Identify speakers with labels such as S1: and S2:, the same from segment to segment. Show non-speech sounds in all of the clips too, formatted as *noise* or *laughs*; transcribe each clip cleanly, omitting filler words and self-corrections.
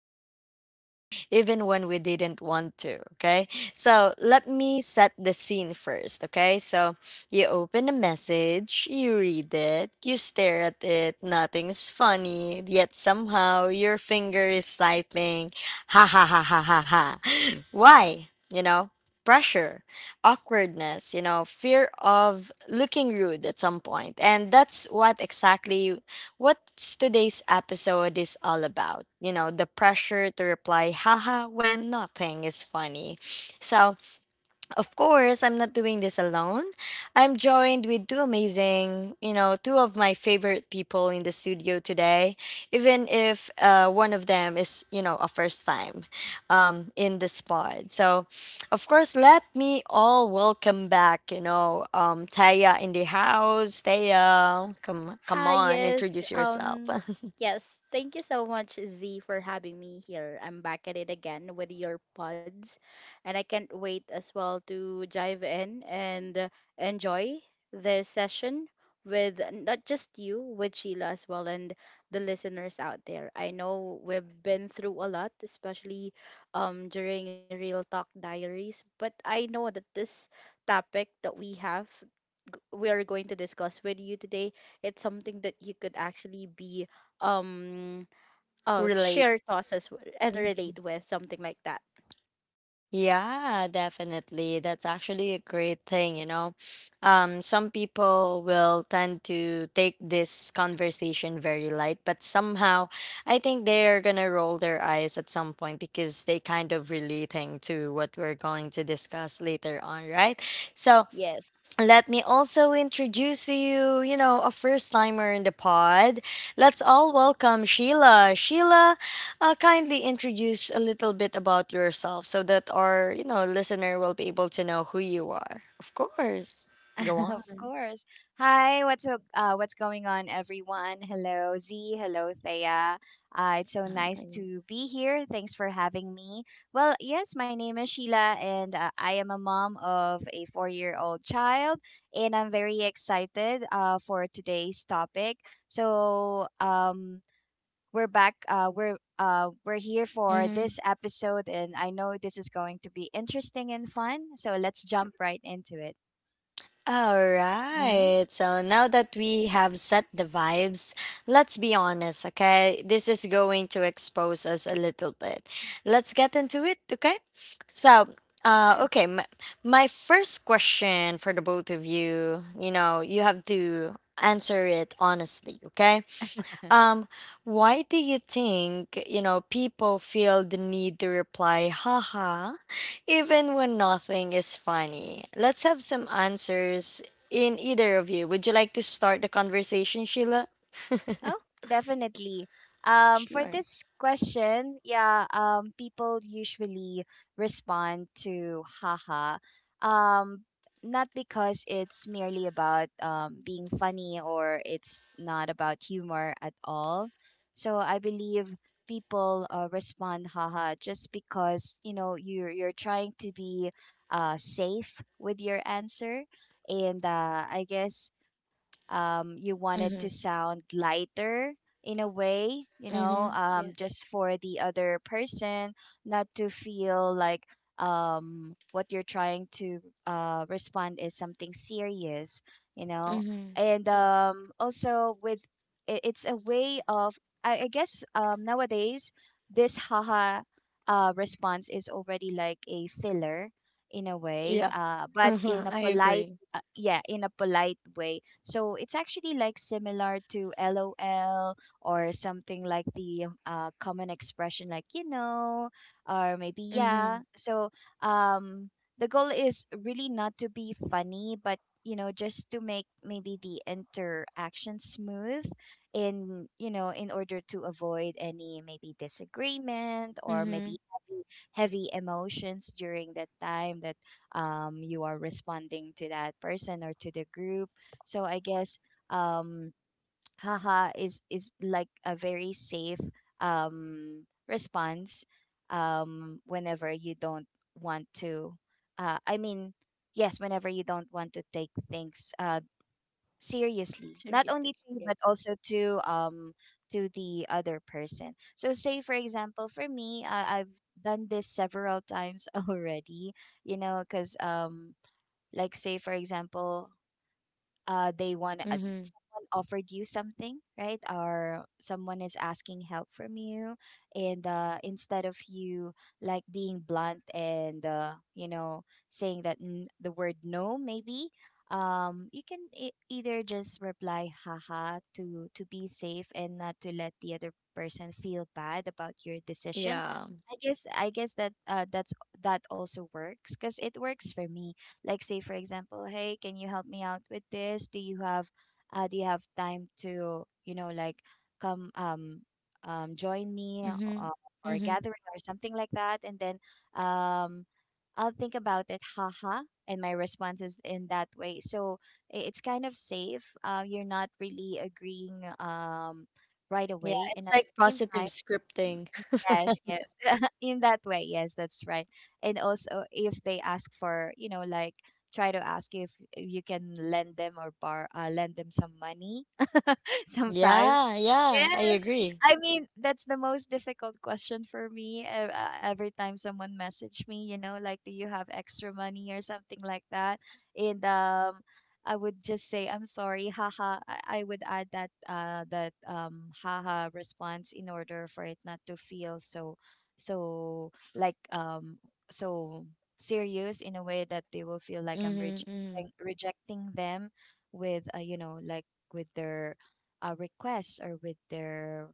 S1: all done, even when we didn't want to, okay? So let me set the scene first, okay? So you open a message, you read it, you stare at it, nothing's funny, yet somehow your finger is typing ha ha ha ha ha ha. Why? Pressure, awkwardness, fear of looking rude at some point. And that's what today's episode is all about. The pressure to reply haha when nothing is funny. So of course, I'm not doing this alone. I'm joined with two amazing, two of my favorite people in the studio today, even if one of them is, a first time in this pod. So, of course, let me all welcome back, Taya in the house. Taya, come
S2: Hi,
S1: on,
S2: yes.
S1: introduce yourself.
S2: Yes. Thank you so much, Z, for having me here. I'm back at it again with your pods, and I can't wait as well to dive in and enjoy this session with not just you, with Sheila as well, and the listeners out there. I know we've been through a lot, especially during Real Talk Diaries, but I know that this topic that we have We are going to discuss with you today, it's something that you could actually be um
S1: *laughs* Relate.
S2: share thoughts and relate with something like that.
S1: Yeah, definitely. That's actually a great thing, you know. Some people will tend to take this conversation very light, but somehow I think they're gonna roll their eyes at some point because they kind of relating to what we're going to discuss later on, right? So
S2: Yes.
S1: let me also introduce you, a first timer in the pod. Let's all welcome Sheila. Sheila, kindly introduce a little bit about yourself so that our, listener will be able to know who you are. Of course. Go
S3: *laughs* of
S1: on.
S3: course. Hi, what's going on, everyone? Hello, Z. Hello, Thea. It's so nice to be here. Thanks for having me. Well, yes, my name is Sheila, and I am a mom of a four-year-old child, and I'm very excited for today's topic. So, um, we're back. We're here for
S1: Hi.
S3: this episode, and I know this is going to be interesting and fun. So let's jump right into it.
S1: All
S3: Mm-hmm.
S1: right. So now that we have set the vibes, let's be honest, okay? This is going to expose us a little bit. Let's get into it, okay? So, uh,
S3: Sure.
S1: okay, my, my first question for the both of you, you have to answer it honestly, okay? Um, why do you think, people feel the need to reply, haha? Even when nothing is
S2: It's-
S1: funny, let's have some answers in either of you. Would you like to start the conversation, Sheila?
S3: Oh, definitely. For
S1: Sure.
S3: this question, yeah, people usually respond to haha. Um, Not because it's merely about being funny, or it's not about humor at all. So I believe people respond haha just because, you know, you're trying to be safe with your answer. And I guess you wanted to
S1: Mm-hmm.
S3: sound lighter in a way, you
S1: Mm-hmm.
S3: know,
S2: Yes.
S3: just for the other person not to feel like what you're trying to respond is something serious, you know.
S1: Mm-hmm.
S3: And
S2: Yes.
S3: also with it's a way of I guess nowadays this haha response is already like a filler in a way,
S1: Yeah.
S3: but
S2: Yeah,
S3: in a
S1: Mm-hmm. I
S3: polite
S1: agree.
S3: yeah, in a polite way, so it's actually like similar to LOL, or something like the common expression like you know or maybe yeah.
S1: Mm-hmm.
S3: So um, the goal is really not to be funny, but you know, just to make maybe the interaction smooth in, you know, in order to avoid any maybe disagreement or
S1: Mm-hmm.
S3: maybe heavy, heavy emotions during that time that you are responding to that person or to the group. So I guess um haha is like a very safe um response whenever you don't want to uh I mean yes, whenever you don't want to take things seriously, not only
S2: seriously.
S3: to you but
S2: Yes.
S3: also to the other person. So say, for example, for me, I've done this several times *laughs* already, you know, because like say, for example, they want
S1: Mm-hmm.
S3: someone offered you something, right? Or someone is asking help from you, and instead of you like being blunt and you know, saying that the word no, maybe you can either just reply haha to be safe and not to let the other person feel bad about your decision.
S1: Yeah.
S3: I guess that that's that also works because it works for me. Like say, for example, hey, can you help me out with this? Do you have do you have time to, you know, like come join me
S1: Mm-hmm.
S3: for a
S1: Mm-hmm.
S3: gathering or something like that? And then um I'll think about it haha, and my response is in that way. So it's kind of safe, you're not really agreeing right
S1: Yeah.
S3: away, and at
S1: It's like
S3: the same time
S1: positive
S3: Mm,
S1: scripting. *laughs*
S3: yes, yes. *laughs* In that way, yes, that's right. And also, if they ask for, you know, like try to ask if you can lend them or bar lend them some money *laughs* sometimes.
S1: Yeah, yeah,
S3: Yes.
S1: I agree.
S3: I mean, that's the most difficult question for me every time someone message me, you know, like, do you have extra money or something like that? And I would just say, I'm sorry, haha. I would add that haha response in order for it not to feel so, so like so serious in a way that they will feel like I'm
S1: Mm-hmm, mm-hmm.
S3: rejecting rejecting them with you know, like with their requests or with their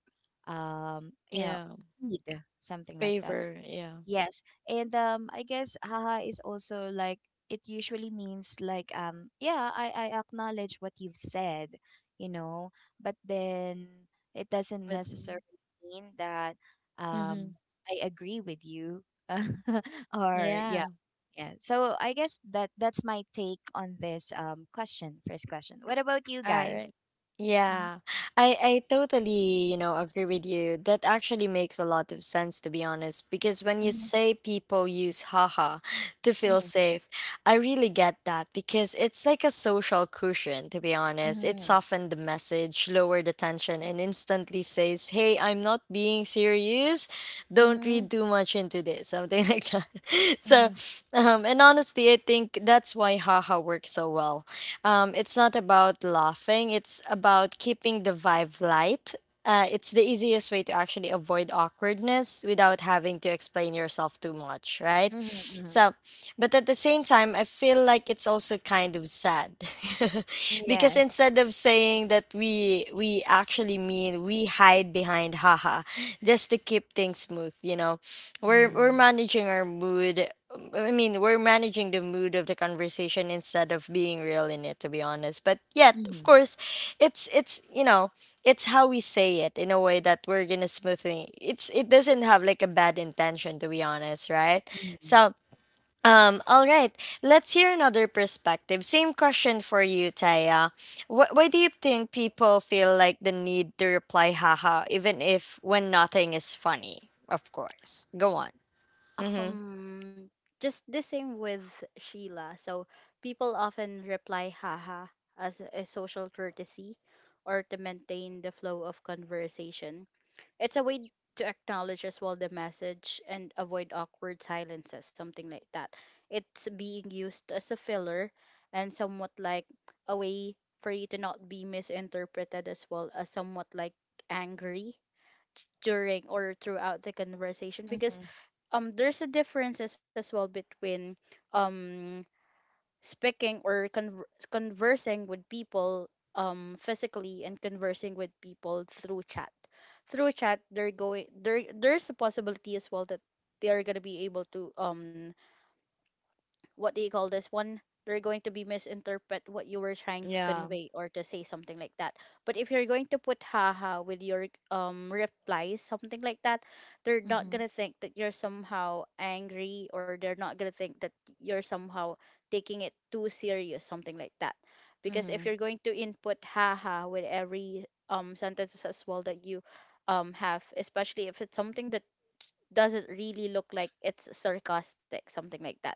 S3: you know
S1: Yeah,
S3: need, something like that.
S1: favor, yeah.
S3: Yes. And I guess haha is also like it usually means like yeah, I acknowledge what you've said, you know, but then it doesn't
S1: But
S3: necessarily mean that um
S1: mm-hmm.
S3: I agree with you *laughs* or yeah,
S1: Yeah.
S3: yeah. So I guess that's my take on this question, first question. What about you
S1: All
S3: guys?
S1: right. Yeah. I totally, you know, agree with you. That actually makes a lot of sense to be honest, because when you
S3: Mhm.
S1: say people use haha to feel
S3: Mhm,
S1: safe, I really get that because it's like a social cushion to be honest. It
S3: mhm,
S1: softened the message, lowered the tension and instantly says, "Hey, I'm not being serious. Don't
S3: mhm,
S1: read too much into this." Something *laughs* like that.
S3: mhm,
S1: So, and honestly, I think that's why haha works so well it's not about laughing, it's about keeping the vibe light. It's the easiest way to actually avoid awkwardness without having to explain yourself too much, right?
S3: mhm, mhm.
S1: So, but at the same time, I feel like it's also kind of sad. *laughs*
S3: Yes.
S1: because instead of saying that we actually mean we hide behind haha just to keep things smooth, you know. We're
S3: Mhm,
S1: managing our mood I mean, we're managing the mood of the conversation instead of being real in it, to be honest. But yet, of
S3: mhm,
S1: course, it's you know, it's how we say it in a way that we're gonna smoothly. It doesn't have like a bad intention, to be honest, right?
S3: mhm,
S1: So all right, let's hear another perspective. Same question for you, Taya. Why do you think people feel like the need to reply haha even if when nothing is funny? Of course. Go on. Mm-hmm.
S2: Um just the same with Sheila. So people often reply haha as a social courtesy or to maintain the flow of conversation. It's a way to acknowledge as well the message and avoid awkward silences, something like that. It's being used as a filler and somewhat like a way for you to not be misinterpreted as well as somewhat like angry during or throughout the conversation because
S3: mhm,
S2: there's a differences as well between um speaking or conversing with people physically and conversing with people through chat. They're going there's a possibility as well that they are gonna be able to what do you call this one, they're going to be misinterpret what you were trying to
S1: Yeah.
S2: convey or to say something like that. But if you're going to put haha with your replies something like that, they're not
S3: mhm,
S2: going to think that you're somehow angry or they're not going to think that you're somehow taking it too serious something like that. Because if
S3: mhm,
S2: you're going to input haha with every sentence as well that you have, especially if it's something that doesn't really look like it's sarcastic something like that.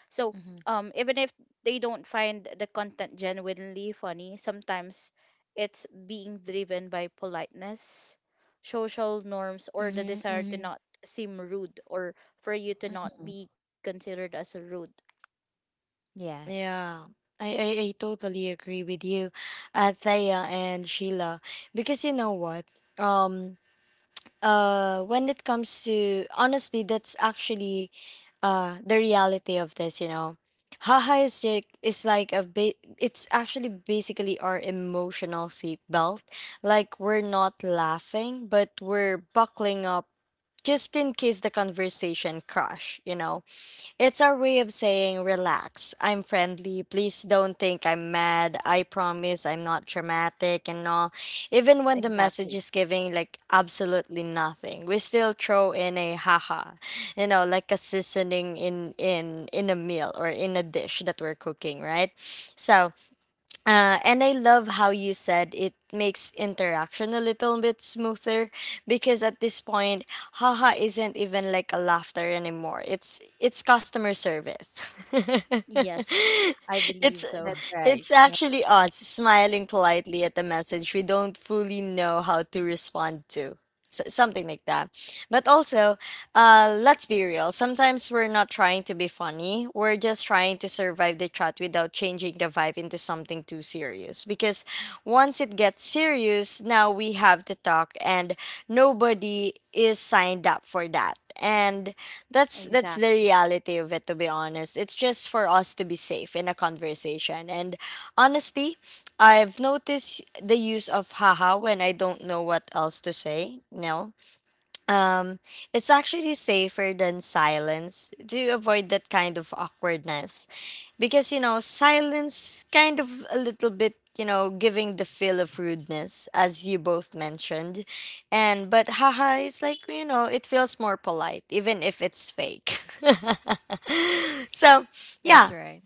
S2: So,
S3: mhm,
S2: even if they don't find the content genuinely funny, sometimes it's being driven by politeness, social norms, or the
S1: Mm-hmm.
S2: desire to
S1: Mm-hmm.
S2: not seem rude or for you to not
S3: mhm.
S2: be considered as rude.
S3: Yes.
S1: Yeah. I totally agree with you, Thea and Sheila. Because you know what? Um, when it comes to honestly that's actually the reality of this you know haha is like is like it's actually basically our emotional seatbelt like we're not laughing but we're buckling up just in case the conversation crash you know it's our way of saying, relax, I'm friendly, please don't think I'm mad, I promise I'm not dramatic and all. Even when the message
S2: Exactly.
S1: is giving like absolutely nothing, we still throw in a haha, you know, like a seasoning in in a meal or in a dish that we're cooking, right? So and I love how you said it makes interaction a little bit smoother because at this point, haha isn't even like a laughter anymore. It's customer service. *laughs*
S2: Yes, I believe
S1: it's
S3: That's
S2: so. *laughs*
S3: right.
S1: it's
S3: Yeah.
S1: actually us smiling politely at the message we don't fully know how to respond to. Something like that. But also, let's be real. Sometimes we're not trying to be funny. We're just trying to survive the chat without changing the vibe into something too serious. Because once it gets serious, now we have to talk, and nobody is signed up for that and that's the
S2: Exactly.
S1: reality of it to be honest it's just for us to be safe in a conversation and honestly I've noticed the use of haha when I don't know what else to say no um, it's actually safer than silence to avoid that kind of awkwardness. Because, you know, silence kind of a little bit, you know, giving the feel of rudeness, as you both mentioned. And, but haha, it's like, you know, it feels more polite, even if it's fake. *laughs* so,
S3: That's
S1: yeah,
S3: right.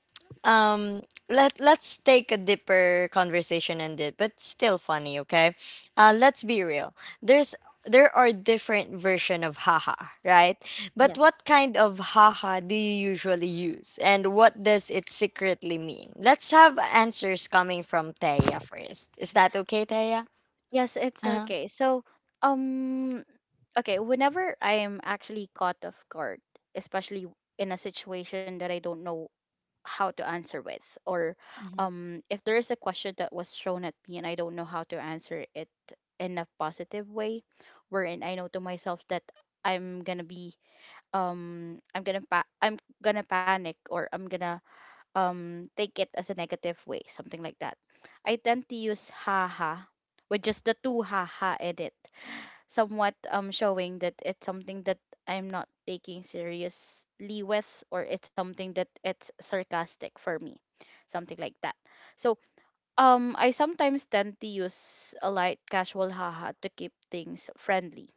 S1: um let let's take a deeper conversation and it but still funny okay let's be real there's there are different version of haha right but what
S2: Yes.
S1: kind of haha do you usually use and what does it secretly mean let's have answers coming from Taya first is that okay Taya
S2: Yes, it's
S1: uh-huh.
S2: okay. So, um, okay, whenever I am actually caught off guard, especially in a situation that I don't know how to answer with or
S3: Mhm,
S2: if there is a question that was thrown at me and I don't know how to answer it in a positive way, wherein I know to myself that I'm gonna be I'm gonna pa- I'm gonna panic, or I'm gonna take it as a negative way, something like that. I tend to use haha with just the two haha in it, somewhat showing that it's something that I'm not taking seriously with, or it's something that it's sarcastic for me, something like that. So I sometimes tend to use a light casual haha to keep things friendly,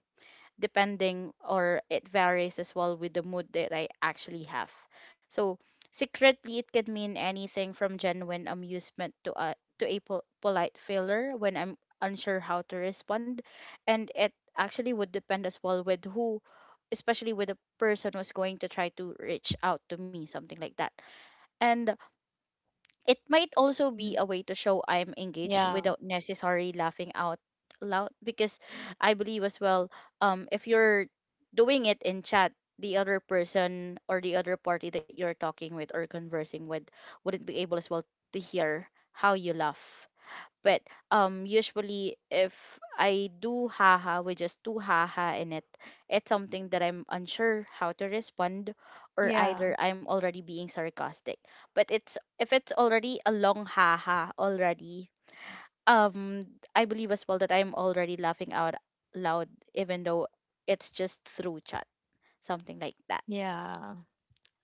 S2: depending or it varies as well with the mood that I actually have. So secretly it can mean anything from genuine amusement to a polite failure when I'm unsure how to respond, and it actually would depend as well with who, especially with the person who's going to try to reach out to me, something like that. And it might also be a way to show I'm engaged
S1: yeah
S2: without necessarily laughing out loud, because I believe as well, if you're doing it in chat, the other person or the other party that you're talking with or conversing with wouldn't be able as well to hear how you laugh. But usually, if I do haha with just two haha in it, it's something that I'm unsure how to respond, or
S1: yeah
S2: either I'm already being sarcastic. But it's if it's already a long haha already, um, I believe as well that I'm already laughing out loud, even though it's just through chat, something like that.
S1: yeah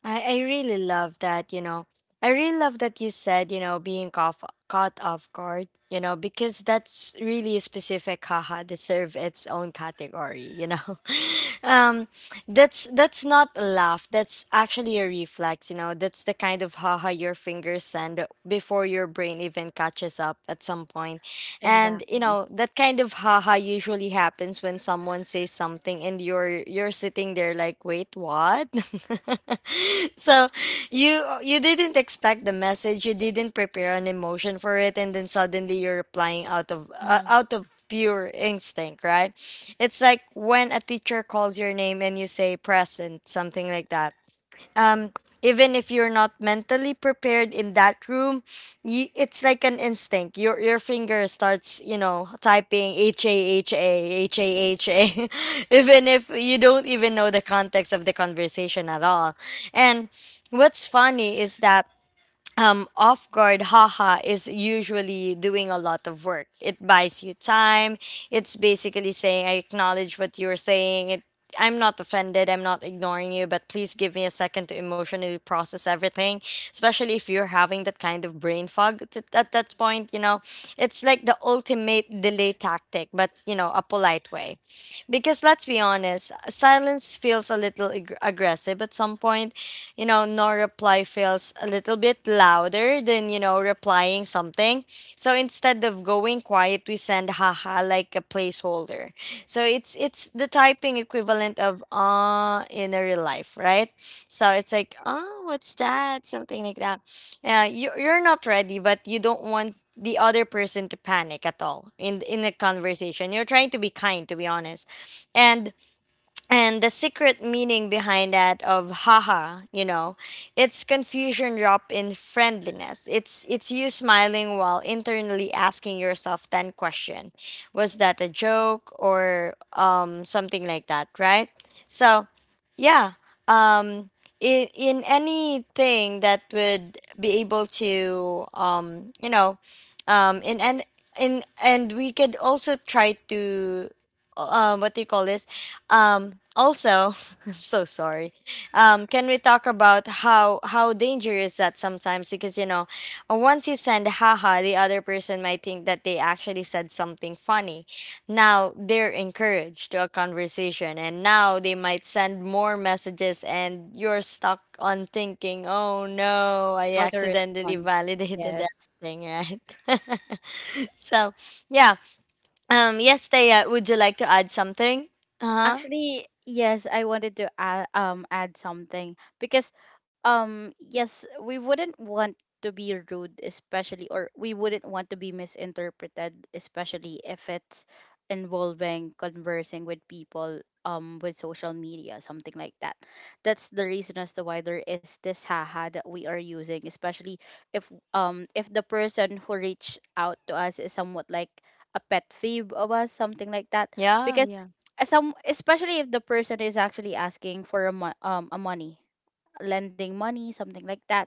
S1: I really love that, you know. I really love that you said, you know, being off, caught off guard, you know, because that's really specific. Haha, deserve its own category, you know. *laughs* um, that's not a laugh. That's actually a reflex, you know. That's the kind of haha your fingers send before your brain even catches up at some point, and you
S2: Exactly.
S1: know that kind of haha usually happens when someone says something and you're sitting there like, wait, what? *laughs* *laughs* so you didn't expect the message you didn't prepare an emotion for it and then suddenly you're replying
S3: mhm,
S1: out of pure instinct right it's like when a teacher calls your name and you say present something like that um, even if you're not mentally prepared in that room, you, it's like an instinct. Your finger starts, you know, typing H A H A H A H A, *laughs* even if you don't even know the context of the conversation at all. And what's funny is that off guard haha is usually doing a lot of work. It buys you time. It's basically saying, I acknowledge what you're saying. It, I'm not offended. I'm not ignoring you, but please give me a second to emotionally process everything, especially if you're having that kind of brain fog at that point. You know, it's like the ultimate delay tactic, but, you know, a polite way. Because let's be honest, silence feels a little aggressive at some point. You know, no reply feels a little bit louder than, you know, replying something. So instead of going quiet, we send haha like a placeholder. So it's the typing equivalent of in a real life, right? So it's like, oh, what's that? Something like that. Yeah, you're not ready, but you don't want the other person to panic at all in a conversation. You're trying to be kind, to be honest, and and the secret meaning behind that of haha you know it's confusion drop in friendliness it's you smiling while internally asking yourself 10 question was that a joke or something like that right so yeah um in anything that would be able to you know um in and in and we could also try to what do you call this also *laughs* I'm so sorry can we talk about how dangerous that sometimes because you know once you send haha the other person might think that they actually said something funny now they're encouraged to a conversation and now they might send more messages and you're stuck on thinking oh no I
S2: How to
S1: accidentally
S2: respond.
S1: validated *laughs*
S2: Yes.
S1: that thing right *laughs* so yeah yes, Thea, would you like to add something? Uh huh.
S2: Actually, yes, I wanted to add, add something because yes, we wouldn't want to be rude especially, or we wouldn't want to be misinterpreted especially if it's involving conversing with people with social media, something like that. That's the reason as to why there is this haha that we are using, especially if if the person who reached out to us is somewhat like a pet peeve of us, something like that.
S1: Yeah,
S2: Because
S1: yeah.
S2: as some, especially if the person is actually asking for a money lending money, something like that.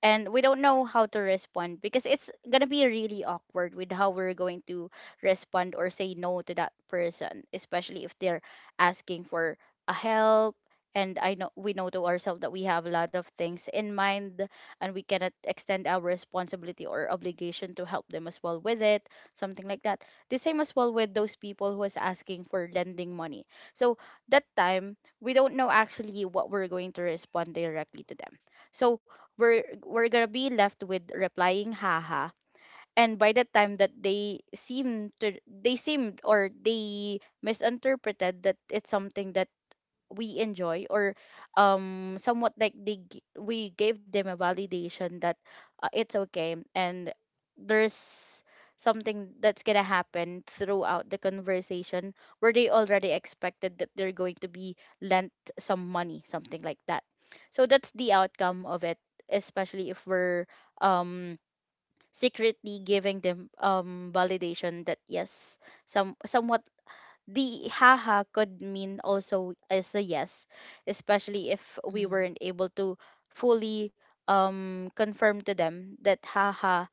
S2: And we don't know how to respond because it's going to be really awkward with how we're going to respond or say no to that person, especially if they're asking for a help. And I know we know to ourselves that we have a lot of things in mind and we cannot extend our responsibility or obligation to help them as well with it, something like that. The same as well with those people who is asking for lending money. So that time we don't know actually what we're going to respond directly to them. So we're gonna be left with replying haha. And by the time that they seemed or they misinterpreted that it's something that we enjoy or somewhat like we gave them a validation that it's okay, and there's something that's gonna happen throughout the conversation where they already expected that they're going to be lent some money, something like that. So that's the outcome of it, especially if we're um secretly giving them validation that yes, some somewhat the haha could mean also as a yes, especially if we
S3: mhm.
S2: weren't able to fully confirm to them that haha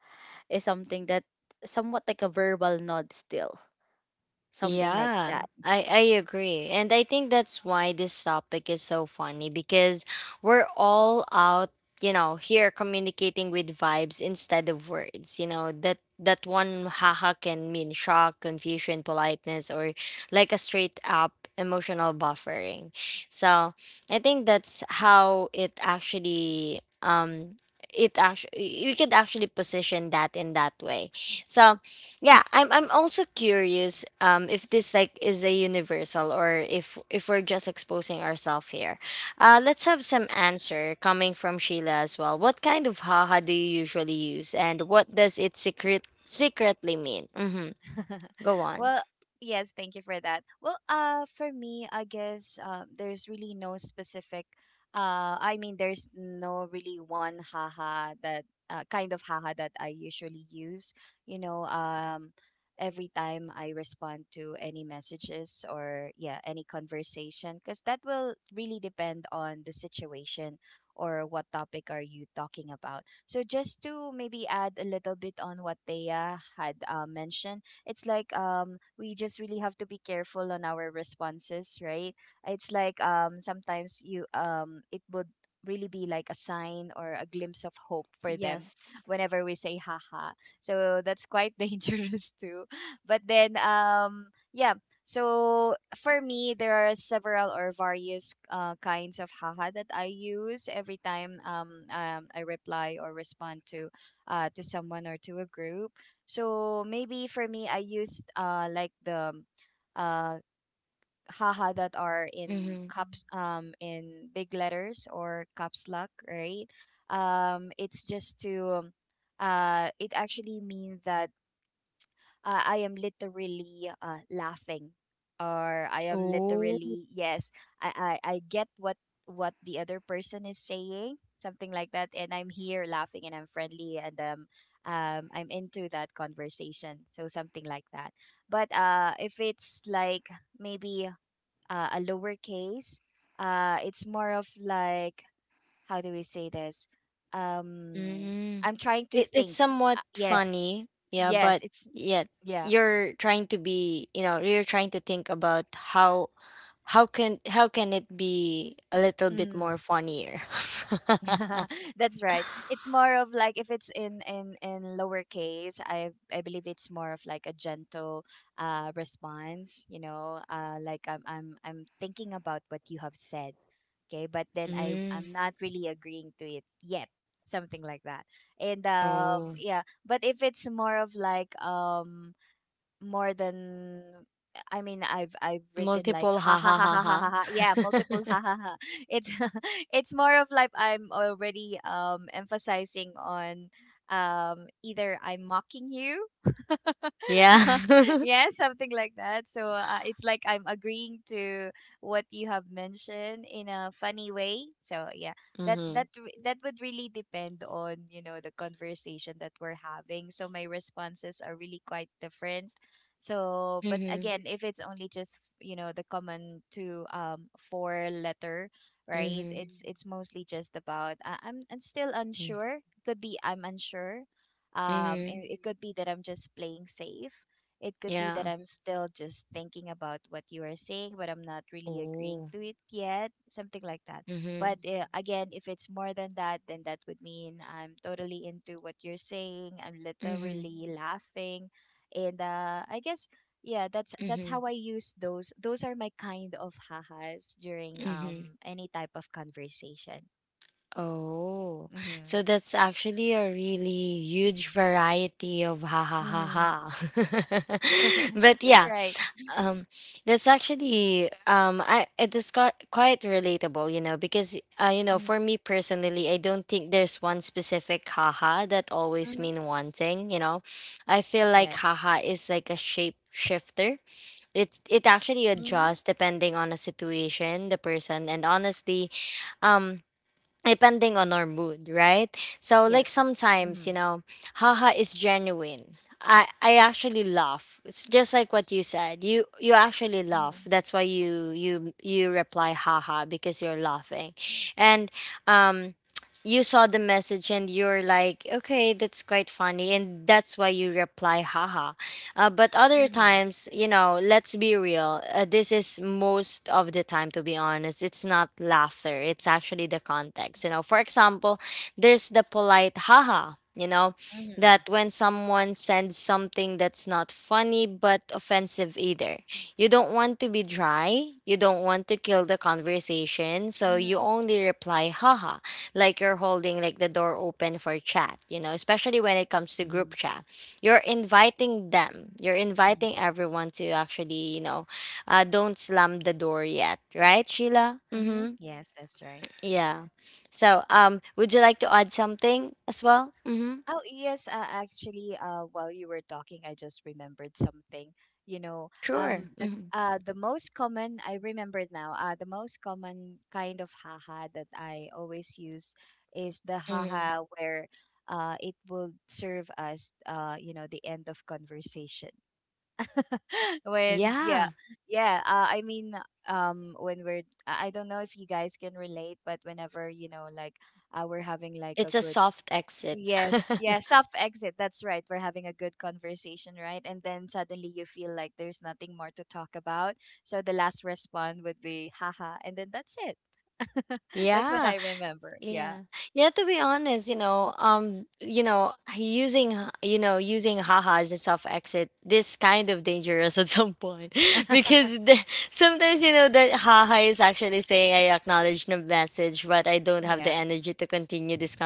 S2: is something that somewhat like a verbal nod still, something like
S1: Yeah,
S2: that.
S1: I agree. And I think that's why this topic is so funny because we're all out, you know, here communicating with vibes instead of words. You know, that that one haha can mean shock, confusion, politeness, or like a straight up emotional buffering. So I think that's how it actually we could actually position that in that way. So yeah, I'm also curious if this like is a universal or if we're just exposing ourselves here. Let's have some answer coming from Sheila as well. What kind of haha do you usually use and what does it secretly mean? Mhm.
S3: *laughs*
S1: Go on.
S3: Well, yes, thank you for that. Well, for me, I guess there's really no specific. I mean, there's no really one haha that kind of haha that I usually use. You know, every time I respond to any messages or yeah, any conversation, because that will really depend on the situation or what topic are you talking about. So just to maybe add a little bit on what Thea had mentioned, it's like we just really have to be careful on our responses, right? It's like sometimes you it would really be like a sign or a glimpse of hope for them
S2: Yes.
S3: whenever we say haha. So that's quite *laughs* dangerous too. But then yeah, so for me, there are several or various kinds of haha that I use every time I reply or respond to someone or to a group. So maybe for me, I used like the uh haha that are in
S1: Mhm.
S3: caps, in big letters, or caps lock, right? It's just to it actually means that I am literally laughing, or I am literally, yes, I get what the other person is saying, something like that, and I'm here laughing and I'm friendly, and I'm into that conversation, so something like that. But if it's like maybe a lowercase, it's more of like how do we say this, um
S1: Mm.
S3: I'm trying to
S1: It's
S3: think
S1: somewhat
S3: yes,
S1: funny, yeah,
S3: yes,
S1: but
S3: it's
S1: yet
S3: yeah
S1: you're trying to be, you know, you're trying to think about how how can it be a little bit
S3: mm.
S1: more funnier. *laughs*
S3: *laughs* That's right. It's more of like if it's in in lowercase, I believe it's more of like a gentle response, you know, like I'm I'm thinking about what you have said. Okay, but then I'm
S1: Mm.
S3: not really agreeing to it yet. Something like that. And
S1: Oh,
S3: yeah, but if it's more of like more than I mean I've written like
S1: multiple
S3: ha
S1: ha
S3: ha
S1: ha
S3: ha
S1: ha
S3: ha
S1: ha.
S3: ha ha ha, yeah, multiple ha ha ha, it's *laughs* it's more of like I'm already emphasizing on either I'm mocking you
S1: *laughs* Yeah.
S3: *laughs*
S1: *laughs*
S3: yeah, something like that. So it's like I'm agreeing to what you have mentioned in a funny way. So yeah, that
S1: Mhm.
S3: that re- that would really depend on you know the conversation that we're having, so my responses are really quite different. So, but
S1: Mhm.
S3: again, if it's only just you know the common two four letter, right?
S1: Mhm.
S3: It's mostly just about I'm still
S1: Mhm.
S3: unsure. Could be I'm unsure.
S1: Mhm.
S3: It, it could be that I'm just playing safe. It could be that
S1: Yeah.
S3: I'm still just thinking about what you are saying, but I'm not really agreeing
S1: Oh.
S3: to it yet. Something like that. But
S1: Mhm.
S3: again, if it's more than that, then that would mean I'm totally into what you're saying. I'm
S1: Mhm.
S3: literally laughing, and yeah, that's how
S1: Mhm.
S3: I use those are my kind of hahas during
S1: Mhm.
S3: any type of conversation.
S1: Oh,
S3: Mm-hmm.
S1: so that's actually a really huge variety of ha ha ha
S3: Mm-hmm.
S1: ha. *laughs*
S3: *laughs*
S1: But
S3: That's
S1: yeah,
S3: right.
S1: um, that's actually I it is quite relatable, you know, because you know,
S3: Mm-hmm.
S1: for me personally, I don't think there's one specific haha that always
S3: Mm-hmm.
S1: mean one thing, you know. I feel like
S3: Yes.
S1: haha is like a shape shifter. It actually
S3: Mm-hmm.
S1: adjusts depending on the situation, the person, and honestly, um, depending on our mood, right? So like
S2: Yes.
S3: Mm-hmm.
S1: sometimes, you know, haha is genuine. I actually laugh. It's just like what you said. You actually
S3: Mm-hmm.
S1: laugh. That's why you reply haha because you're laughing. And um, you saw the message and you're like, okay, that's quite funny, and that's why you reply haha. But other
S3: Mm-hmm.
S1: times, you know, let's be real. This is most of the time, to be honest. It's not laughter, it's actually the context. You know, for example, there's the polite haha. You know,
S3: Mm-hmm.
S1: that when someone sends something that's not funny but offensive either. You don't want to be dry. You don't want to kill the conversation. So you
S3: Mm-hmm.
S1: only reply, haha, like you're holding like the door open for chat, you know, especially when it comes to
S3: Mm-hmm.
S1: group chat. You're inviting them. You're
S3: Mm-hmm.
S1: inviting everyone to actually, you know, don't slam the door yet, right, Sheila?
S3: Mm-hmm.
S1: Mm-hmm.
S3: Yes, that's right.
S1: Yeah. So, would you like to add something as well? Mm-hmm.
S3: Oh yes, actually, while you were talking, I just remembered something. You know,
S1: Sure. Mm-hmm.
S3: the most common I remembered now. The most common kind of haha that I always use is the
S1: Mm-hmm.
S3: haha where, it will serve as you know, the end of conversation. *laughs* When yeah,
S1: Yeah.
S3: yeah. I mean, when we're I don't know if you guys can relate, but whenever you know, like, we're having like a
S1: It's a
S3: good
S1: soft exit.
S3: Yes, yeah, soft exit. That's right. We're having a good conversation, right? And then suddenly you feel like there's nothing more to talk about. So the last response would be haha, and then that's it. *laughs*
S1: *laughs*
S3: That's what
S1: Yeah.
S3: I remember. Yeah.
S1: Yeah. Yeah, to be honest, you know, you know, you know, using haha as a soft exit, this kind of dangerous *laughs* at some point *laughs*
S3: *laughs*
S1: because sometimes, you know, that haha is actually saying I acknowledge the message, but I don't have the
S3: Yeah.
S1: energy to continue this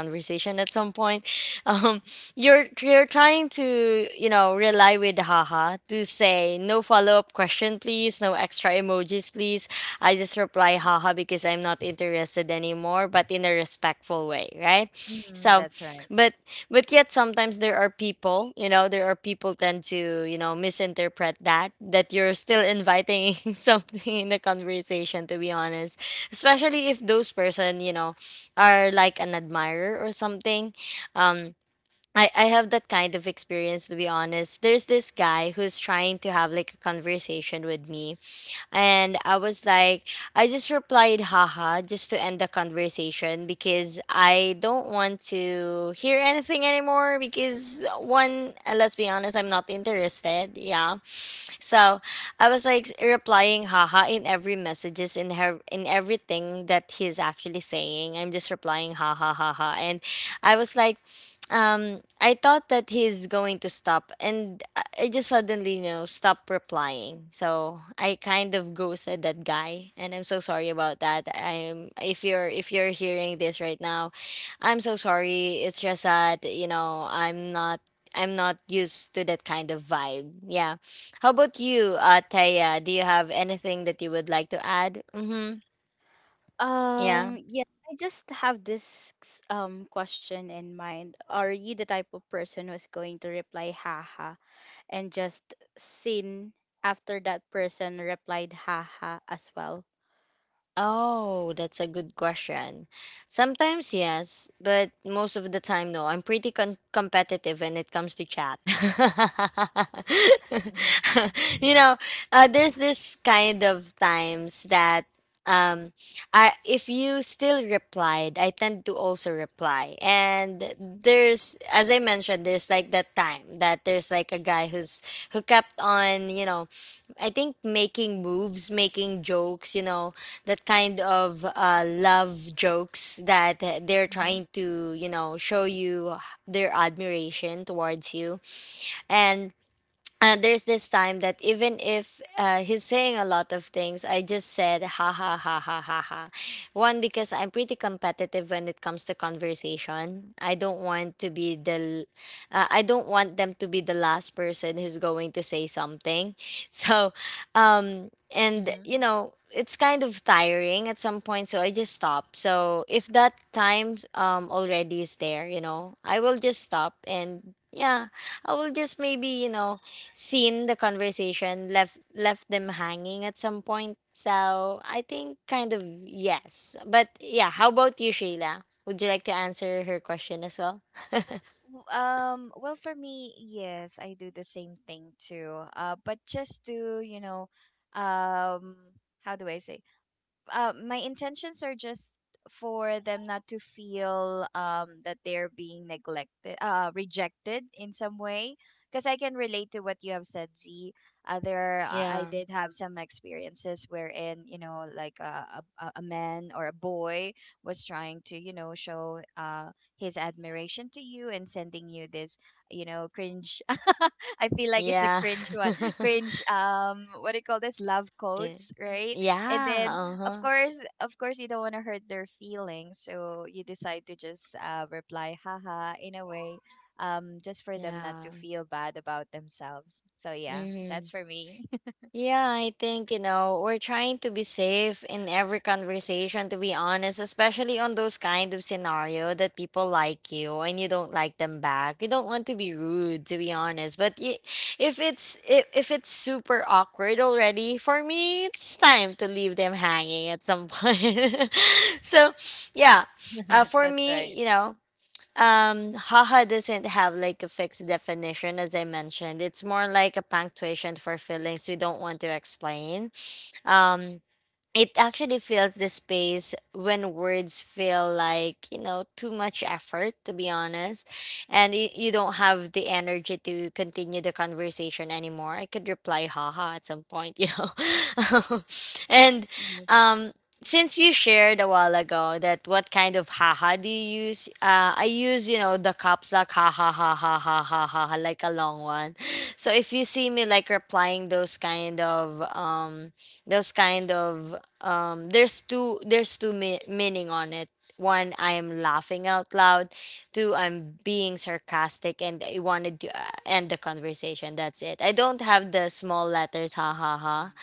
S1: conversation at some point. *laughs* Um, you're trying to you know rely with haha to say no follow up question please, no extra emojis please. I just reply haha because I'm not interested anymore, but in a respectful way, right?
S3: Hmm,
S1: So,
S3: that's right.
S1: but but yet sometimes there are people you know there are people tend to you know misinterpret that you're still inviting *laughs* something in the conversation to be honest, especially if those person you know are like an admirer or something. Um, I have that kind of experience to be honest. There's this guy who's trying to have like a conversation with me and I was like, I just replied, haha, just to end the conversation because I don't want to hear anything anymore. Because, one, let's be honest, I'm not interested. Yeah. So I was like replying, haha, in every messages, in everything that he's actually saying. I'm just replying, haha, haha. And I was like, I thought that he's going to stop, and I just suddenly, you know, stopped replying. So I kind of ghosted that guy, and I'm so sorry about that. I'm if you're hearing this right now, I'm so sorry. It's just that you know I'm not used to that kind of vibe. Yeah. How about you, Taya? Do you have anything that you would like to add? Mm-hmm. Yeah.
S2: Yeah, I just have this question in mind. Are you the type of person who's going to reply haha and just sin after that person replied haha as well?
S1: Oh, that's a good question. Sometimes yes, but most of the time no. I'm pretty competitive when it comes to chat.
S3: *laughs*
S1: *laughs* You
S3: Mm-hmm.
S1: know, there's this kind of times that um, I if you still replied, I tend to also reply. And there's as I mentioned, there's like that time that there's like a guy who's who kept on, you know, I think making moves, making jokes, you know, that kind of love jokes that they're trying to, you know, show you their admiration towards you. And there's this time that even if he's saying a lot of things, I just said ha ha ha ha ha ha. One because I'm pretty competitive when it comes to conversation. I don't want to be I don't want them to be the last person who's going to say something. *laughs* So, and you
S3: Mm-hmm.
S1: know. It's kind of tiring at some point, so I just stop. So if that time already is there, you know, I will just stop and yeah, I will just maybe, you know, seen the conversation left them hanging at some point. So I think kind of yes. But yeah, how about you, Sheila? Would you like to answer her question as well?
S3: Well, for me, yes, I do the same thing too. But just to, you know, um, how do I say? My intentions are just for them not to feel that they're being neglected, rejected in some way, because I can relate to what you have said, z. There I
S1: Yeah.
S3: did have some experiences wherein, like, a man or a boy was trying to, show his admiration to you and sending you this, cringe. *laughs* I feel like it's a
S1: Yeah.
S3: cringe one.
S1: *laughs*
S3: Cringe, what do you call this, love
S1: Yeah.
S3: quotes, right? And
S1: Yeah.
S3: then,
S1: Uh
S3: of
S1: huh.
S3: course, of course, you don't want to hurt their feelings, so you decide to just reply haha in a way, just for them not
S1: Yeah.
S3: to feel bad about themselves. So yeah,
S1: Mm-hmm.
S3: that's for me.
S1: Yeah, I think, you know, we're trying to be safe in every conversation, to be honest, especially on those kind of scenario that people like you and you don't like them back. You don't want to be rude, to be honest. But if it's super awkward already, for me, it's time to leave them hanging at some point. *laughs* So, yeah,
S3: *laughs*
S1: for
S3: That's
S1: me,
S3: right.
S1: you know, haha doesn't have like a fixed definition, as I mentioned. It's more like a punctuation for feelings you don't want to explain. Um, it actually fills the space when words feel like you know too much effort to be honest, and you don't have the energy to continue the conversation anymore, I could reply haha at some point, you know. *laughs* And
S2: Yes.
S1: um, since you shared a while ago that what kind of haha do you use, I use you know the caps lock ha ha ha ha ha ha ha ha, like a long one. So if you see me like replying those kind of um, those kind of um, there's two meaning on it. One, I'm laughing out loud. Two, I'm being sarcastic and I wanted to end the conversation. That's it. I don't have the small letters ha ha ha.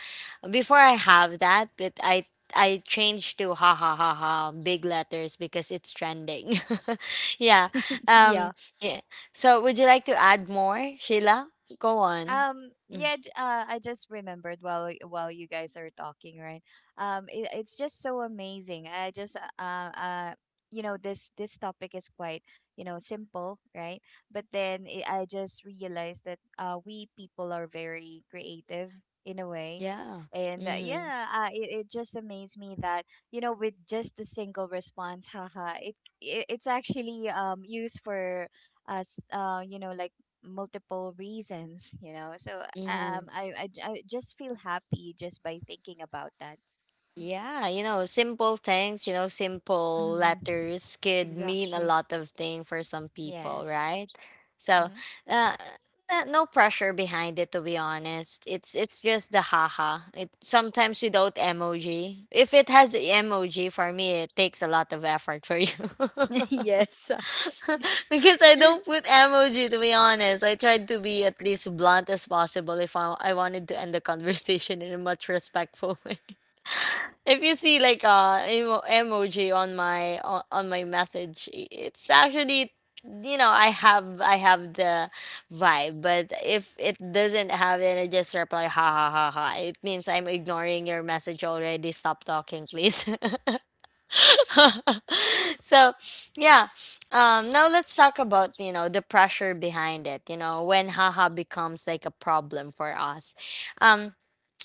S1: Before I have that but I changed to ha ha ha ha big letters because it's trending. *laughs* Yeah.
S2: Yeah,
S1: Um, yeah, so would you like to add more, Sheila? Go on. Mm,
S3: I just remembered while you guys are talking, right? It's just so amazing. I just uh, you know, this topic is quite, you know, simple, right? But then I just realized that we people are very creative in a way.
S1: yeah.
S3: And
S1: Mm-hmm.
S3: yeah, it just amazed me that, you know, with just a single response, haha, it's actually used for us, you know, like multiple reasons, you know. So
S1: Mm-hmm.
S3: I just feel happy just by thinking about that.
S1: Yeah, you know, simple things, you know, simple
S3: Hmm.
S1: letters could mean a
S2: exactly.
S1: lot of thing for some people,
S3: Yes.
S1: right? So, uh, no pressure behind it to be honest. It's just the haha. It sometimes without emoji. If it has emoji for me, it takes a lot of effort for you.
S2: *laughs* Yes, actually.
S1: *laughs* Because I
S2: *laughs*
S1: don't put emoji to be honest. I tried to be at least blunt as possible if I wanted to end the conversation in a much respectful *laughs* way. If you see like uh, emoji on my on my message, it's actually you know I have the vibe. But if it doesn't have it, I just reply ha ha ha ha. It means I'm ignoring your message already, stop talking please. *laughs* So yeah, um, now let's talk about you know the pressure behind it, you know, when haha becomes like a problem for us. Um,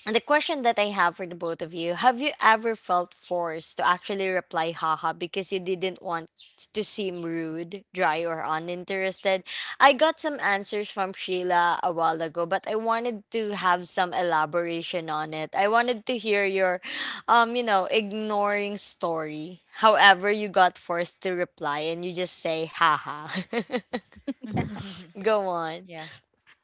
S1: and the question that I have for the both of you, have you ever felt forced to actually reply haha because you didn't want to seem rude, dry, or uninterested? I got some answers from Sheila a while ago, but I wanted to have some elaboration on it. I wanted to hear your you know, ignoring story. However, you got forced to reply and you just say haha.
S3: Hmm.
S1: *laughs* Go on.
S3: *laughs*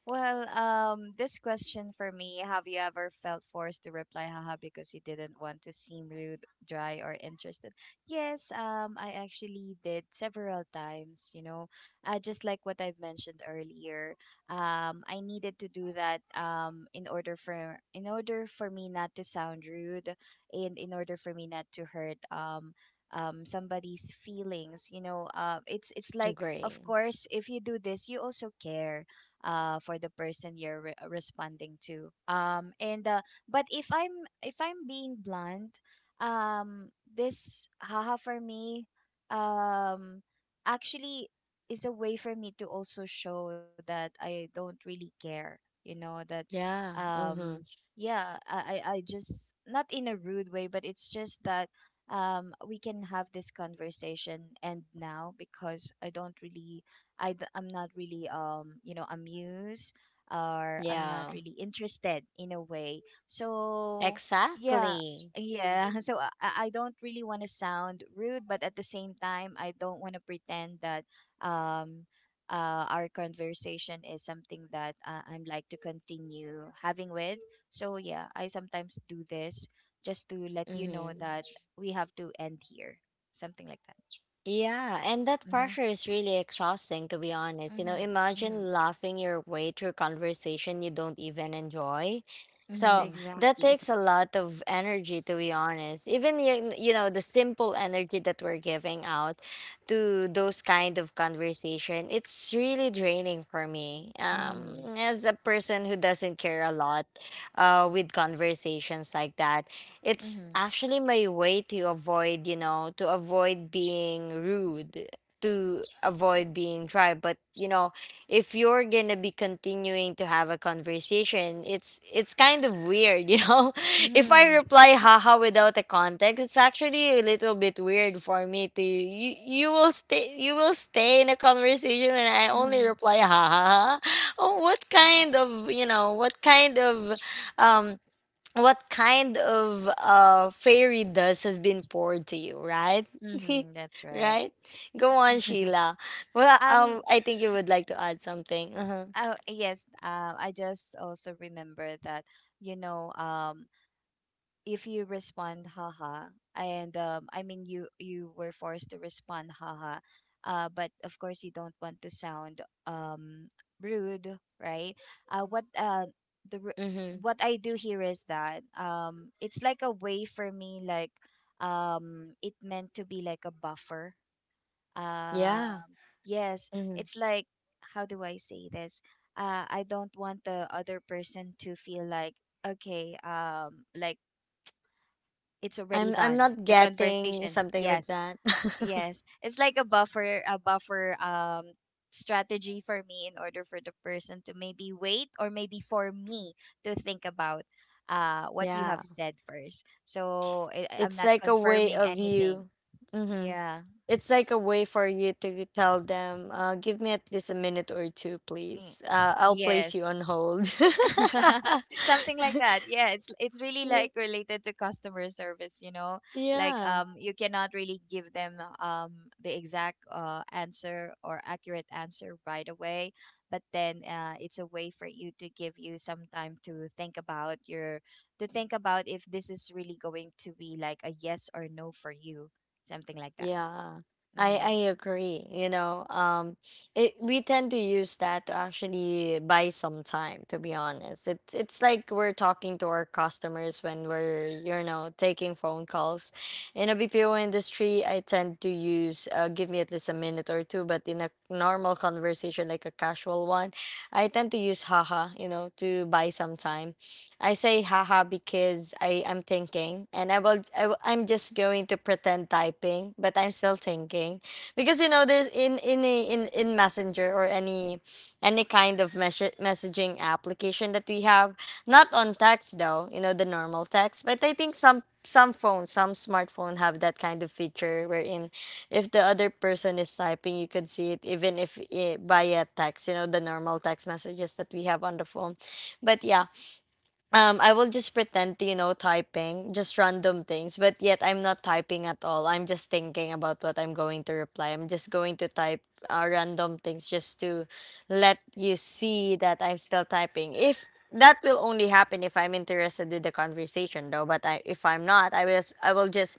S3: Well, this question for me, have you ever felt forced to reply haha because you didn't want to seem rude, dry, or interested? Yes, I actually did several times, you know. Just like what I've mentioned earlier. I needed to do that in order for me not to sound rude, and in order for me not to hurt somebody's feelings, you know. It's it's like, of
S1: Agree.
S3: course, if you do this, you also care for the person responding to. And But if I'm being blunt, this haha for me, um, actually is a way for me to also show that I don't really care. You know that,
S1: Yeah. Mm-hmm.
S3: um, yeah, I just, not in a rude way, but it's just that, we can have this conversation, and now because I don't really, I'm not really, you know, amused, or I'm not
S1: Yeah.
S3: really interested in a way. So yeah,
S1: Exactly.
S3: yeah. *laughs* So I don't really want to sound rude, but at the same time, I don't want to pretend that um our conversation is something that I'm like to continue having with. So yeah, I sometimes do this just to let you know
S1: Mm-hmm.
S3: that we have to end here, something like that.
S1: Yeah, and that
S3: Mm-hmm.
S1: pressure is really exhausting, to be honest. You know,
S3: Mm-hmm. Mm-hmm.
S1: imagine laughing your way through conversation you don't even enjoy. So
S3: Mm-hmm.
S1: that
S2: Exactly.
S1: takes a lot of energy, to be honest. Even, you know, the simple energy that we're giving out to those kind of conversation, it's really draining for me.
S3: Mhm.
S1: As a person who doesn't care a lot with conversations like that, it's
S3: Mhm.
S1: actually my way to avoid, you know, to avoid being rude, to avoid being dry. But you know, if you're gonna be continuing to have a conversation, it's kind of weird, you know. *laughs* If I
S3: Mhm.
S1: reply haha without a context, it's actually a little bit weird for me to you will stay in a conversation and I only
S3: Mhm.
S1: reply haha. Oh, what
S3: Mhm.
S1: kind of what kind of um what kind of fairy dust has been poured to you, right? *laughs*
S3: Mhm. That's right.
S1: Right? Go on,
S3: *laughs*
S1: Sheila.
S3: Um.
S1: I think you would like to add something. Uh-huh.
S3: Oh yes. I just also remember that. You know. If you respond haha, and I mean, you were forced to respond haha, but of course you don't want to sound um rude, right? uh, what uh the re-
S1: Mm-hmm.
S3: what I do here is that, it's like a way for me, like, it meant to be like a buffer,
S1: Yeah.
S3: um. Yes,
S1: Mm-hmm.
S3: it's like, how do I say this? I don't want the other person to feel like, okay, like it's already
S1: I'm
S3: done,
S1: not
S3: the
S1: getting
S3: conversation,
S1: something like
S3: yes.
S1: that. *laughs*
S3: Yes, it's like a buffer, a buffer, strategy for me, in order for the person to maybe wait, or maybe for me to think about what you
S1: Yeah.
S3: have said first. So I'm
S1: It's
S3: not
S1: like a way
S3: confirming
S1: of
S3: anything.
S1: you. Mm-hmm.
S3: Yeah.
S1: It's like a way for you to tell them, give me at least a minute or two,
S3: Mm.
S1: please. I'll place you
S3: Yes.
S1: on hold.
S3: *laughs* Something like
S1: *laughs*
S3: that, yeah. It's really
S1: Yeah.
S3: like related to customer service, you know, like,
S1: Yeah.
S3: you cannot really give them the exact answer or accurate answer right away, but then it's a way for you to give you some time to think about your, to think about if this is really going to be like a yes or no for you, something like that.
S1: Yeah, I
S3: Mhm.
S1: agree. It we tend to use that to actually buy some time, to be honest. It's like we're talking to our customers when we're, you know, taking phone calls. In a BPO industry, I tend to use give me at least a minute or two, but in a normal conversation, like a casual one, I tend to use haha, you know, to buy some time. I say haha because I am thinking and I'm just going to pretend typing but I'm still thinking because you know there's in a, in in Messenger or any kind of messaging application that we have, not on text though, you know, the normal text, but I think some phones, some smartphone have that kind of feature wherein if the other person is typing you could see it even if it via text, you know, the normal text messages that we have on the phone. But yeah, I will just pretend to, you know, typing, just random things, but yet I'm not typing at all. I'm just thinking about what I'm going to reply. I'm just going to type random things just to let you see that I'm still typing. If That will only happen if I'm interested in the conversation though, but if I'm not, I will just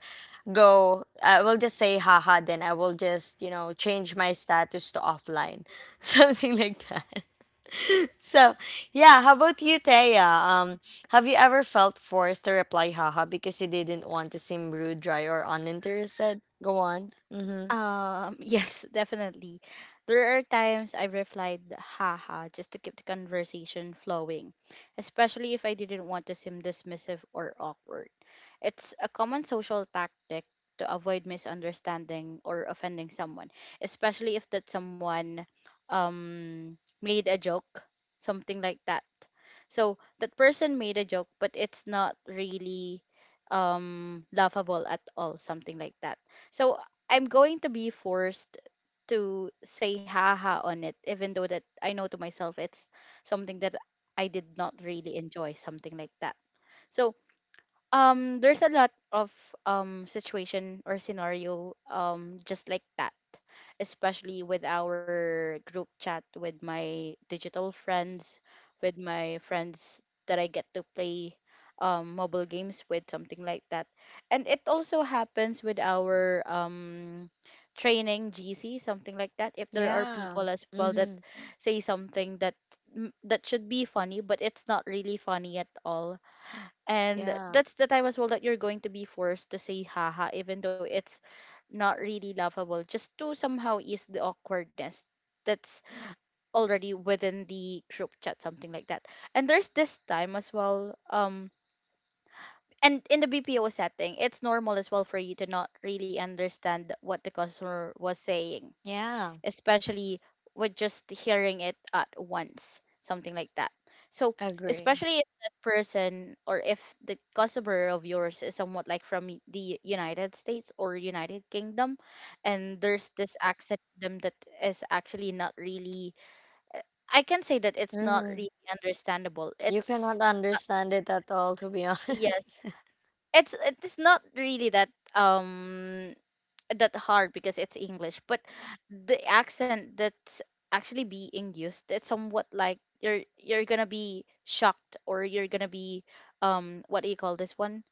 S1: go I will just say haha, then I will just, you know, change my status to offline. *laughs* Something like that. So, yeah, how about you, Thea? Have you ever felt forced to reply haha because you didn't want to seem rude, dry, or uninterested? Go on. Mm-hmm.
S2: Yes, definitely. There are times I replied haha just to keep the conversation flowing, especially if I didn't want to seem dismissive or awkward. It's a common social tactic to avoid misunderstanding or offending someone, especially if that someone um made a joke, something like that. So that person made a joke, but it's not really laughable at all, something like that. So I'm going to be forced to say haha on it, even though that I know to myself it's something that I did not really enjoy, something like that. So there's a lot of situation or scenario just like that, especially with our group chat with my digital friends, with my friends that I get to play mobile games with, something like that. And it also happens with our training GC, something like that. If there are
S1: Yeah.
S2: people as well that
S1: Mm-hmm.
S2: say something that that should be funny, but it's not really funny at all, and
S1: Yeah.
S2: that's the time as well that you're going to be forced to say haha, even though it's not really laughable, just to somehow ease the awkwardness that's already within the group chat, something like that. And there's this time as well, and in the BPO setting, it's normal as well for you to not really understand what the customer was saying,
S1: Yeah.
S2: especially with just hearing it at once, something like that. So,
S1: Agree.
S2: especially if that person or if the customer of yours is somewhat like from the United States or United Kingdom, and there's this accent to them that is actually not really, uh, I can say that it's not
S1: Mm-hmm.
S2: really understandable.
S1: You
S2: It's,
S1: cannot understand it at all, to be
S2: yes,
S1: honest. *laughs*
S2: it's it's not really that um that hard because it's English, but the accent that's actually being used, it's somewhat like you're gonna be shocked or you're gonna be what do you call this one?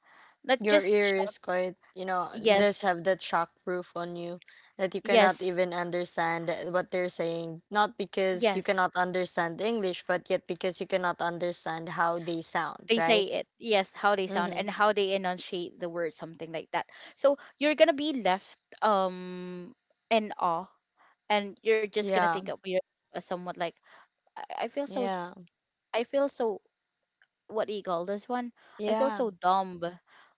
S2: Not
S1: Your
S2: just
S1: ear
S2: shocked.
S1: is quite, you know, does
S2: Yes,
S1: have that shockproof on you that you cannot
S2: yes,
S1: even understand what they're saying. Not because you
S2: yes.
S1: cannot understand English, but yet because you cannot understand how they sound,
S2: They say
S1: right?
S2: it. Yes, how they sound
S1: Mm-hmm.
S2: and how they enunciate the word, something like that. So you're gonna be left um in awe, and you're just gonna think
S1: Yeah.
S2: of you're somewhat like I, I feel so
S1: Yeah.
S2: s- I feel so what do you call this one? I feel
S1: Yeah.
S2: so dumb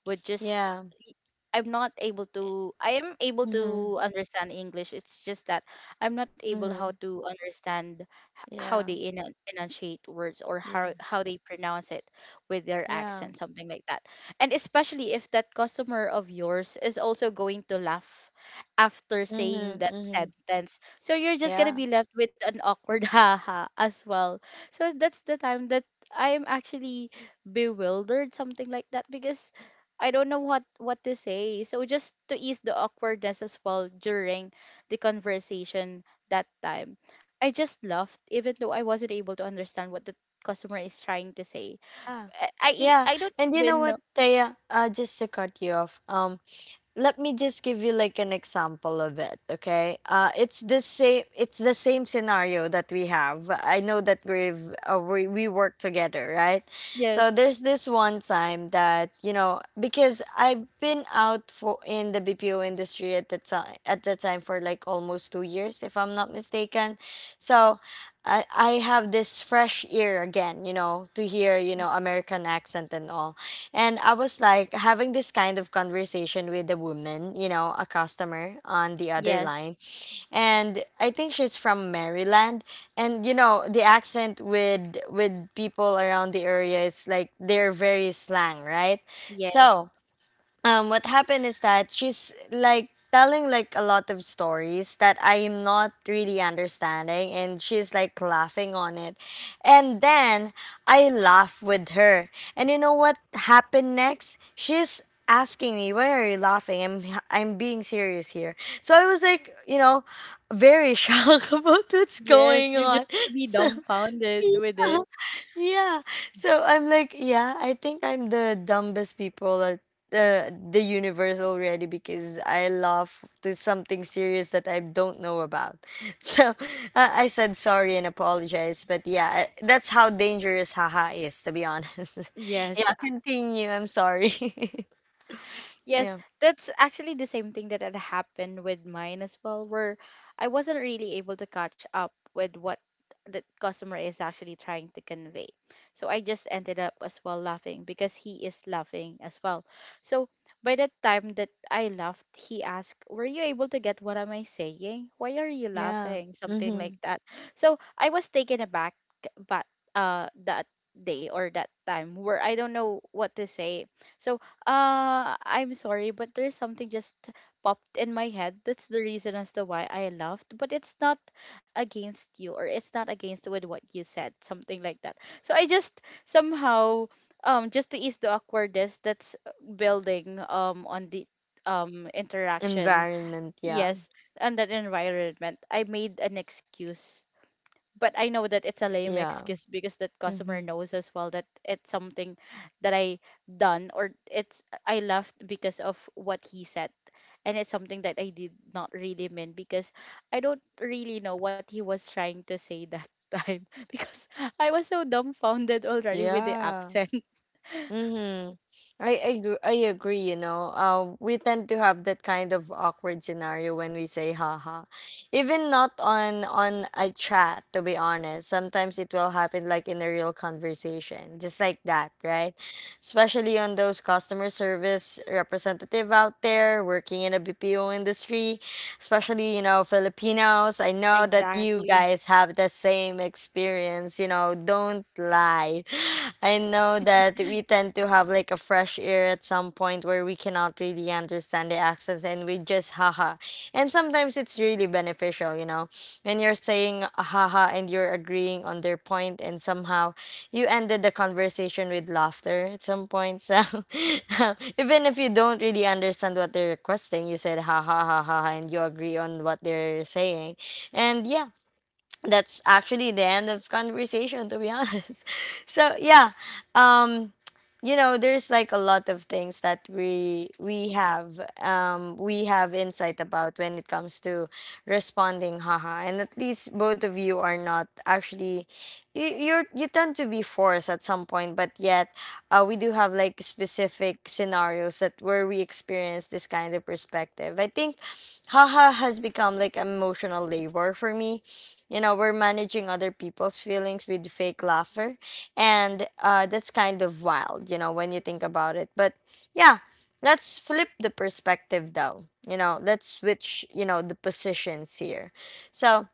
S2: with just
S1: Yeah.
S2: I'm not able to I am able
S1: Mm-hmm.
S2: to understand English. It's just that I'm not able how
S1: Mm-hmm.
S2: to understand h- how
S1: Yeah.
S2: they enan- enunciate words or
S1: Yeah.
S2: how they pronounce it with their
S1: Yeah.
S2: accent, something like that. And especially if that customer of yours is also going to laugh after saying
S1: Mm-hmm.
S2: that
S1: Mm-hmm.
S2: sentence. So you're just gonna
S1: Yeah.
S2: be left with an awkward *laughs* haha as well. So that's the time that I am actually bewildered, something like that, because I don't know what to say. So just to ease the awkwardness as well during the conversation that time, I just laughed even though I wasn't able to understand what the customer is trying to say.
S1: Ah. Yeah.
S2: I don't
S1: And you know
S2: even
S1: what,
S2: know.
S1: Taya? Just to cut you off. Let me just give you like an example of it, okay? Uh, it's the same scenario that we have. I know that we've we work together, right? So
S2: Yes.
S1: there's this one time that, you know, because I've been out for in the BPO industry at the time for like almost 2 years if I'm not mistaken. So I have this fresh ear again, you know, to hear, you know, American accent and all. And I was like having this kind of conversation with a woman, you know, a customer on the other
S2: Yes.
S1: line. And I think she's from Maryland. And you know, the accent with people around the area is like they're very slang, right?
S2: Yes.
S1: So what happened is that she's like telling like a lot of stories that I am not really understanding and she's like laughing on it. And then I laugh with her. And you know what happened next? She's asking me, "Why are you laughing?" I'm being serious here. So I was like, you know, very *laughs* shocked about what's
S2: Yes.
S1: going
S2: You're just
S1: on.
S2: gonna
S1: *laughs*
S2: be
S1: So
S2: dumbfounded with it.
S1: yeah. So I'm like, yeah, I think I'm the dumbest people at the universe already because I laugh to something serious that I don't know about. *laughs* So I said sorry and apologize, but yeah, I- that's how dangerous haha is to be honest. *laughs*
S2: Yes.
S1: Yeah, continue. I'm sorry. *laughs*
S2: Yes,
S1: Yeah.
S2: that's actually the same thing that had happened with mine as well, where I wasn't really able to catch up with what the customer is actually trying to convey. So I just ended up as well laughing because he is laughing as well. So by the time that I laughed, he asked, "Were you able to get what am I saying? Why are you
S1: Yeah.
S2: laughing?" Something like
S1: Mhm.
S2: that. So I was taken aback but that day or that time where I don't know what to say. So I'm sorry, but there's something just popped in my head. That's the reason as to why I laughed. But it's not against you, or it's not against with what you said, something like that. So I just somehow, just to ease the awkwardness that's building, on the interaction.
S1: Environment, yeah.
S2: Yes, on that environment, I made an excuse but I know that it's a lame
S1: Yeah.
S2: excuse because that customer
S1: Mhm.
S2: knows as well that it's something that I done or it's I left because of what he said. And it's something that I did not really mean because I don't really know what he was trying to say that *laughs* time because I was so dumbfounded already with the
S1: Yeah.
S2: accent.
S1: Mm-hmm. I agree, you know. We tend to have that kind of awkward scenario when we say haha. Even not on a chat, to be honest. Sometimes it will happen like in a real conversation, just like that, right? Especially on those customer service representative out there working in a BPO industry especially, you know, Filipinos. I know that you
S2: Exactly.
S1: guys have the same experience, you know, don't lie. *sighs* *laughs* I know that we tend to have like a fresh ear at some point where we cannot really understand the accents and we just haha. And sometimes it's really really beneficial, you know. When you're saying "Ah, haha and you're agreeing on their point and somehow you ended the conversation with laughter at some point. So *laughs* even if you don't really understand what they're requesting, you said ha ha ha ha ha," and you agree on what they're saying. And yeah, that's actually the end of conversation to be honest. *laughs* So yeah, um you know there's like a lot of things that we have insight about when it comes to responding haha, and at least both of you are not actually you're, you tend to be forced at some point but yet we do have like specific scenarios that where we experience this kind of perspective. I think haha has become like emotional labor for me. You know, we're managing other people's feelings with fake laughter, and that's kind of wild, you know, when you think about it. But yeah, let's flip the perspective though. You know, let's switch, you know, the positions here. So,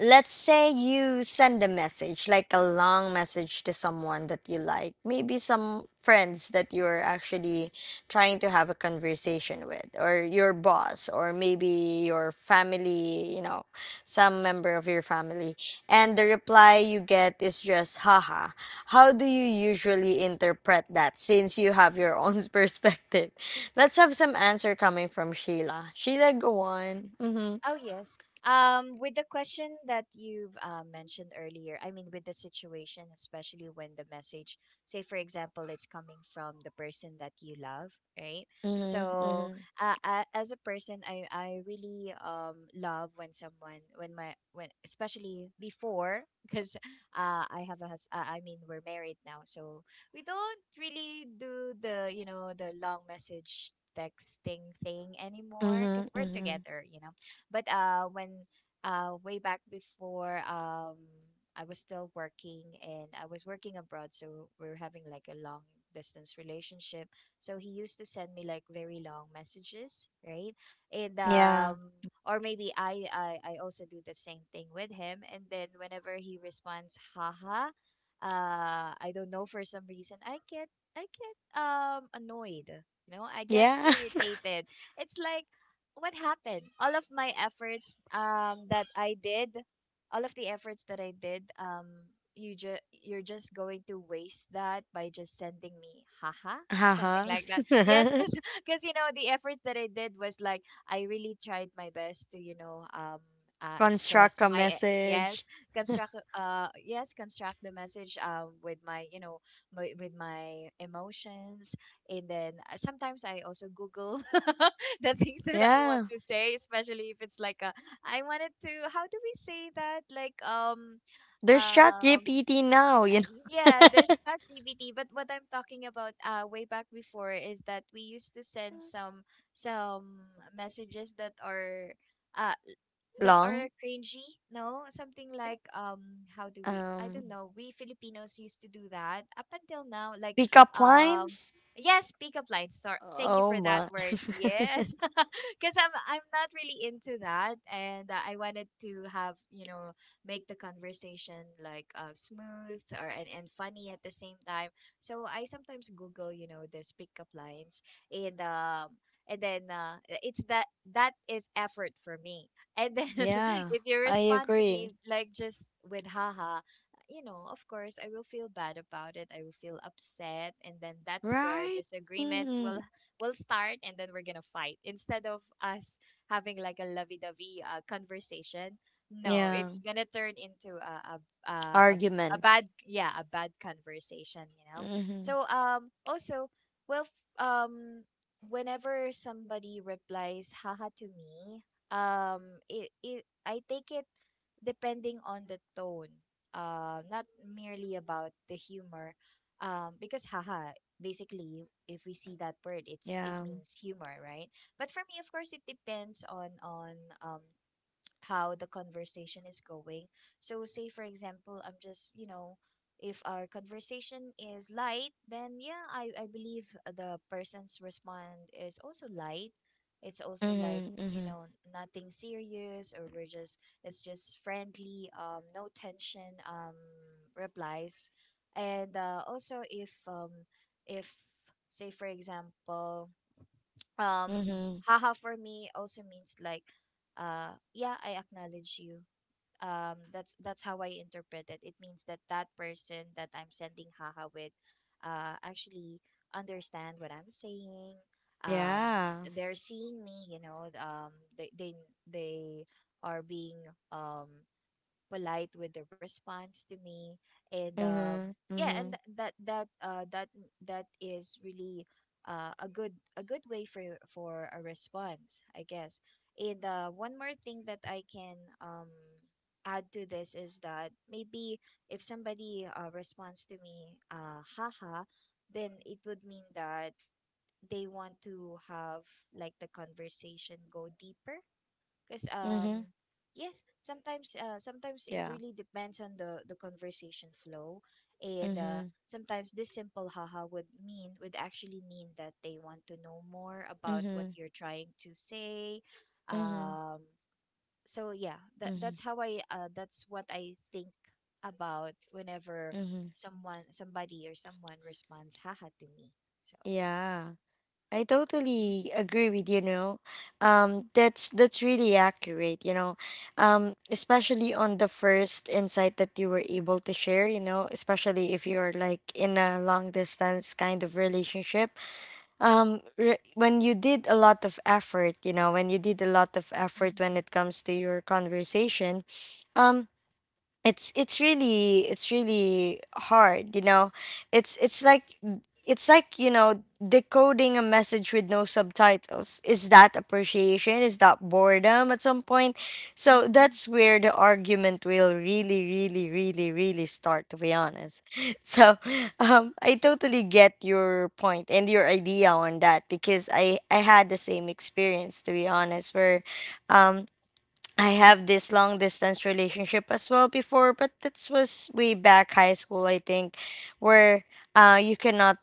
S1: let's say you send a message like a long message to someone that you like, maybe some friends that you're actually trying to have a conversation with, or your boss, or maybe your family, you know, some member of your family, and the reply you get is just haha. How do you usually interpret that since you have your own *laughs* perspective? Let's have some answer coming from Sheila. Sheila, go on. Mm-hmm,
S3: Oh, yes. With the question that you've mentioned earlier, I mean, with the situation, especially when the message, say, for example, it's coming from the person that you love, right?
S1: mm-hmm,
S3: So,
S1: mm-hmm.
S3: as a person, I really love when someone, when my, when, especially before, *laughs* because I have a hus- I mean, we're married now. So, we don't really do the, you know, the long message texting thing anymore because
S1: Mhm,
S3: we're
S1: mhm.
S3: together, you know? But when way back before, I was still working, and I was working abroad, so we were having like a long distance relationship. So he used to send me like very long messages, right? And
S1: Yeah.
S3: or maybe I also do the same thing with him. And then whenever he responds, haha, I don't know, for some reason I get, annoyed. You know, I get
S1: Yeah. *laughs*
S3: irritated. It's like, what happened? All of the efforts that I did, you ju-, you're just going to waste that by just sending me haha, something
S1: Uh-huh.
S3: like that. Yes,
S1: *laughs*
S3: cuz *laughs* you know, the efforts that I did was like, I really tried my best to, you know,
S1: Construct
S3: express
S1: a
S3: my
S1: message.
S3: yes, construct, yes, construct the message with my, you know, my, with my emotions, and then sometimes I also Google *laughs* *laughs* the things that I want
S1: Yeah.
S3: to say, especially if it's like a, I wanted to, how do we say that? Like,
S1: There's
S3: um,
S1: ChatGPT now, you know.
S3: yeah, there's ChatGPT, but what I'm talking about way back before is that we used to send
S1: *laughs*
S3: some some messages uh that are
S1: Long.
S3: cringy, no? Something like, how do we, I
S1: Um,
S3: don't know, we Filipinos used to do that up until now, like
S1: pickup
S3: um
S1: lines.
S3: yes, pick up lines. Sorry. Thank you
S1: Oh
S3: for that
S1: my.
S3: word. Yes.
S1: *laughs*
S3: *laughs* Cuz I'm not really into that, and I wanted to have, you know, make the conversation like smooth or and funny at the same time. So I sometimes Google, you know, these pickup lines, and then it's that, that is effort for me. And then *laughs*
S1: Yeah,
S3: if you
S1: I
S3: respond to
S1: agree.
S3: me like just with haha, you know, of course I will feel bad about it. I will feel upset, and then that's where
S1: Right?
S3: disagreement will
S1: Mm-hmm.
S3: start, and then we're going to fight instead of us having like a lovey-dovey conversation. No,
S1: Yeah.
S3: it's gonna turn into a, a a
S1: Argument.
S3: bad, yeah, a bad conversation, you know.
S1: Mm-hmm.
S3: So also, well, um whenever somebody replies haha to me, it, it I take it depending on the tone, not merely about the humor, because haha, basically, if we see that word, it's, it
S1: Yeah.
S3: means humor, right? But for me, of course, it depends on um how the conversation is going. So, say for example, I'm just, you know, if our conversation is light, then yeah, I believe the person's response is also light. It's also like,
S1: Mm-hmm.
S3: you
S1: Mm-hmm.
S3: know, nothing serious, or we're just, it's just friendly, no tension replies. And also if, say for example, um
S1: Mm-hmm.
S3: haha for me also means like, yeah, I acknowledge you, that's how I interpret it. It means that that person that I'm sending haha with actually understand what I'm saying. um
S1: Yeah.
S3: they're seeing me, you know, they they they are being um polite with the response to me. And
S1: Mm-hmm.
S3: yeah, and
S1: Mm-hmm.
S3: that is really a good, a good way for a response, I guess. And one more thing that I can add to this is that maybe if somebody responds to me haha, then it would mean that they want to have like the conversation go deeper, because
S1: Mm-hmm.
S3: yes, sometimes, it
S1: Yeah.
S3: really depends on the conversation flow, and
S1: Mm-hmm.
S3: sometimes this simple haha would mean, would actually mean that they want to know more about what
S1: Mm-hmm.
S3: you're trying to say.
S1: Mm-hmm.
S3: Um, so yeah, that
S1: Mm-hmm.
S3: that's what I think about whenever
S1: Mm-hmm.
S3: someone somebody or someone responds haha to me. So yeah.
S1: Yeah. I
S3: Hmm.
S1: totally agree with you know. That's really accurate, you know. Especially on the first insight that you were able to share, you know, especially if you're like in a long distance kind of relationship. Um, re- when you did a lot of effort, you know, when you did a lot of effort when
S3: Mm-hmm.
S1: it comes to your conversation, um it's really hard, you know. it's it's like it's like, you know, decoding a message with no subtitles. Is that appreciation? Is that boredom at some point? So
S3: Mm-hmm.
S1: that's where the argument will really really really really start to be honest. *laughs* So I totally get your point and your idea on that because I had the same experience to be honest, where um I have this long distance relationship as well before, but that was way back high school, I think, where you cannot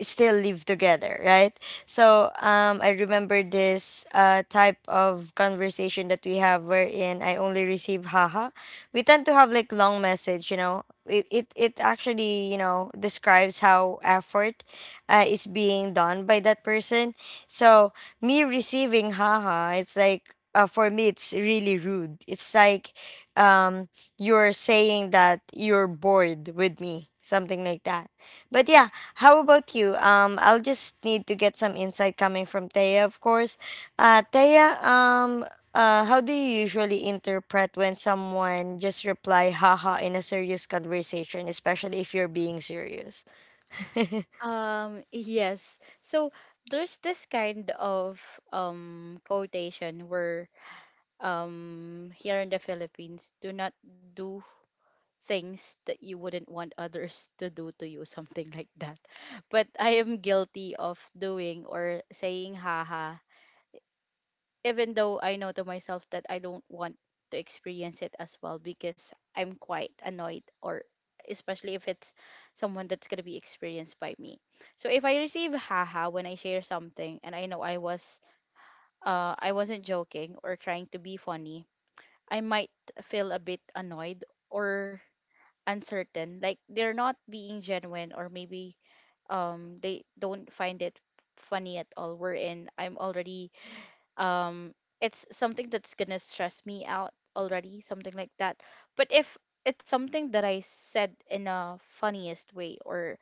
S1: still live together, right? So I remember this type of conversation that we have wherein I only receive haha. We tend to have like long message, you know. It actually, you know, describes how effort is being done by that person. So me receiving haha, it's like for me it's really rude. It's like um you're saying that you're bored with me, something like that. But yeah, how about you? I'll just need to get some insight coming from Taya of course. Taya, how do you usually interpret when someone just reply haha in a serious conversation, especially if you're being serious? *laughs* Mm-hmm.
S2: Yes. So there's this kind of quotation where here in the Philippines, do not do things that you wouldn't want others *laughs* to do to you, something like that. *laughs* But I am guilty of doing or saying haha, even though I know to myself that I don't want to experience it as well because I'm quite annoyed or especially if it's someone that's going to be experienced by me. So if I receive haha when I share something and I know I wasn't joking or trying to be funny, I might feel a bit annoyed or uncertain. Like they're not being genuine or maybe they don't find it funny at all. Wherein I'm already um it's something that's gonna stress me out already, something like that. But if it's something that I said in a funniest way or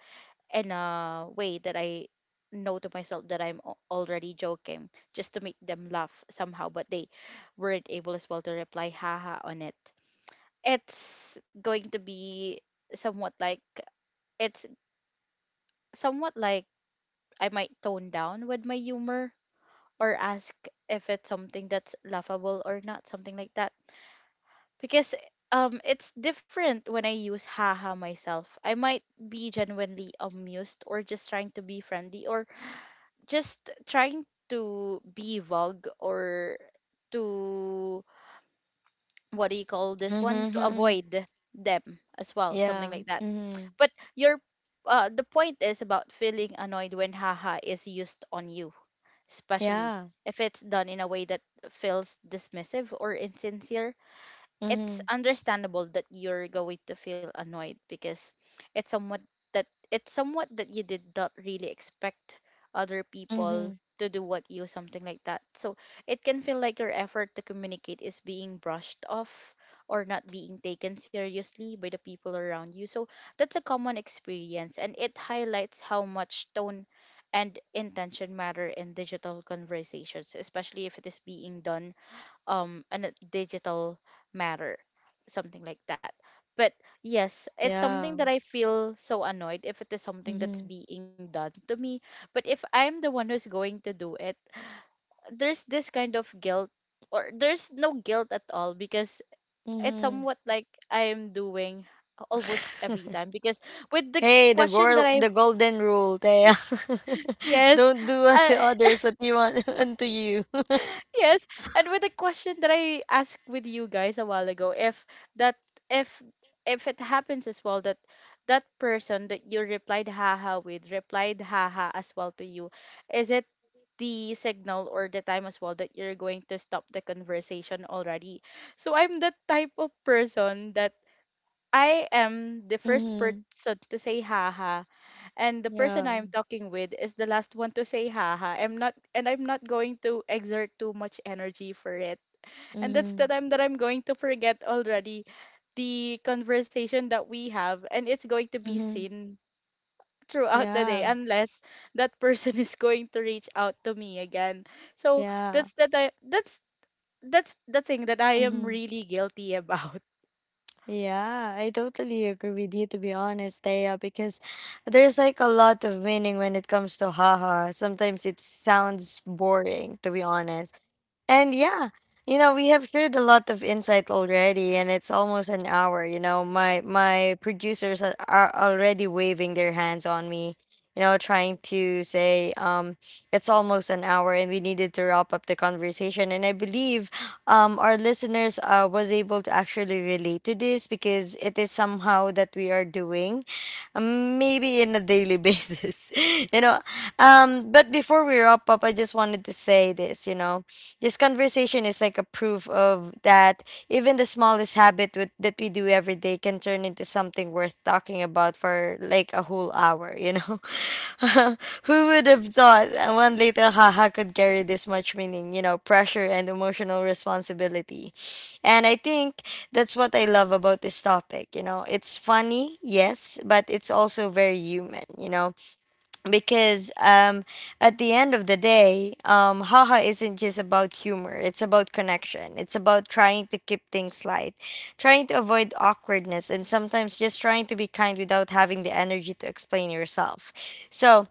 S2: in a way that I know to myself that already joking just to make them laugh somehow, but they weren't able as well to reply haha on it, it's going to be somewhat like it's somewhat like I might tone down with my humor or ask if it's something that's laughable or not, something like that. Because it's different when I use haha myself. I might be genuinely amused or just trying to be friendly or just trying to be vogue or to what do you call this one, to avoid them as well, something
S1: Yeah.
S2: like that.
S1: Mm-hmm.
S2: But your the point is about feeling annoyed when haha is used on you, especially
S1: Yeah.
S2: if it's done in a way that feels dismissive or insincere. It's
S1: Mm-hmm.
S2: understandable that you're going to feel annoyed because it's somewhat that it's somewhat that you did not really expect other people
S1: Mm-hmm.
S2: to do what you, something like that. So it can feel like your effort to communicate is being brushed off or not being taken seriously by the people around you. So that's a common experience, and it highlights how much tone and intention matter in digital conversations, especially if it is being done in a digital matter, something like that. But yes, it's
S1: Yeah.
S2: something that I feel so annoyed if it is something
S1: Mm-hmm.
S2: that's being done to me. But if I'm the one who's going to do it, there's this kind of guilt or there's no guilt at all because it's
S1: Mm-hmm.
S2: somewhat like I'm doing almost every
S1: *laughs*
S2: time because with the
S1: Hey, the
S2: question that
S1: girl, the
S2: I've
S1: golden rule, Thea. *laughs*
S2: yes
S1: Don't do
S2: uh,
S1: unto others what you want *laughs* unto you. *laughs*
S2: Yes, and with the question that I asked with you guys a while ago, if that if if it happens as well that that person that you replied haha with replied haha as well to you, is it the signal or the time as well that you're going to stop the conversation already? So I'm the type of person that I am the first
S1: Mm-hmm.
S2: person to say haha and the person
S1: Yeah.
S2: I'm talking with is the last one to say haha. I'm not going to exert too much energy for it. And that's the
S1: Mm-hmm.
S2: time that I'm going to forget already the conversation that we have, and it's going to be
S1: Mm-hmm.
S2: seen throughout the day
S1: Yeah.
S2: unless that person *laughs* is going to reach out to me again. So
S1: Yeah.
S2: that's the time that's the thing that I am
S1: Mm-hmm.
S2: really guilty *laughs* about.
S1: Yeah, I totally agree with you to be honest, Thea, because there's like a lot of meaning when it comes to haha. Sometimes it sounds boring to be honest. And yeah, you know, we have shared a lot of insight already, and it's almost an hour. You know, my producers are already waving their hands on me. You know, trying to say, it's almost an hour, and we needed to wrap up the conversation. And I believe, our listeners was able to actually relate to this because it is somehow that we are doing maybe in a daily basis. *laughs* You know, but before we wrap up, I just wanted to say this, you know. This conversation is like a proof of that. Even the smallest habit with, that we do every day can turn into something worth talking about for like a whole hour, you know? *laughs* Who would have thought that one little haha could carry this much meaning, you know, pressure and emotional responsibility? And I think that's what I love about this topic, you know? It's funny, yes, but it's also very human, you know? Because at the end of the day, haha isn't just about humor. It's about connection. It's about trying to keep things light, trying to avoid awkwardness, and sometimes just trying to be kind without having the energy to explain yourself. So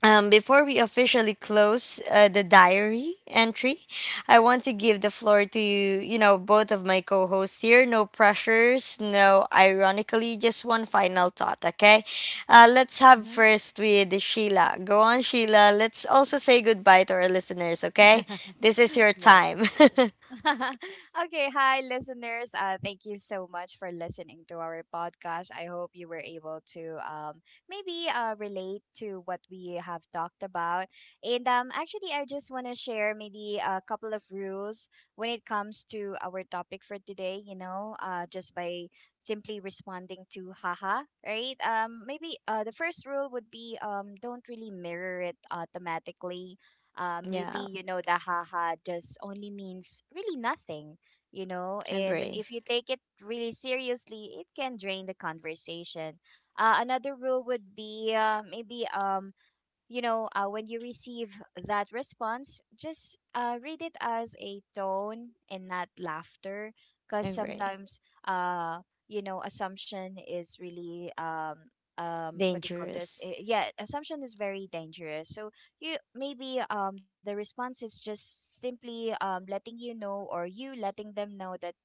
S1: before we officially close the diary entry, I want to give the floor to you, you know, both of my co hosts here. No pressures, no ironically, just one final thought, okay? Let's have
S3: Hmm.
S1: first with Sheila. Go on, Sheila. Let's also say goodbye to our listeners, okay? This is your
S3: *laughs* Yes.
S1: time.
S3: *laughs* Okay, hi listeners. Thank you so much for listening to our podcast. I hope you were able to maybe relate to what we have talked about. And actually, I just want to share maybe a couple of rules when it comes to our topic for today. You know, just by simply responding to haha, right? Maybe the first rule would be, don't really mirror it automatically. Maybe,
S1: *laughs* Yeah,
S3: you know, the haha just only means really nothing, you know, and if
S1: agree.
S3: you take it really seriously, it can drain the conversation. Another rule would be, maybe you know, when you receive that response, just read it as a tone and not laughter, because
S1: Agree.
S3: sometimes, uh, you know, assumption is really what do you call this?
S1: Dangerous.
S3: Eh, yeah, assumption is very dangerous. So, you, maybe the response is just simply, letting you know, or you letting them know, that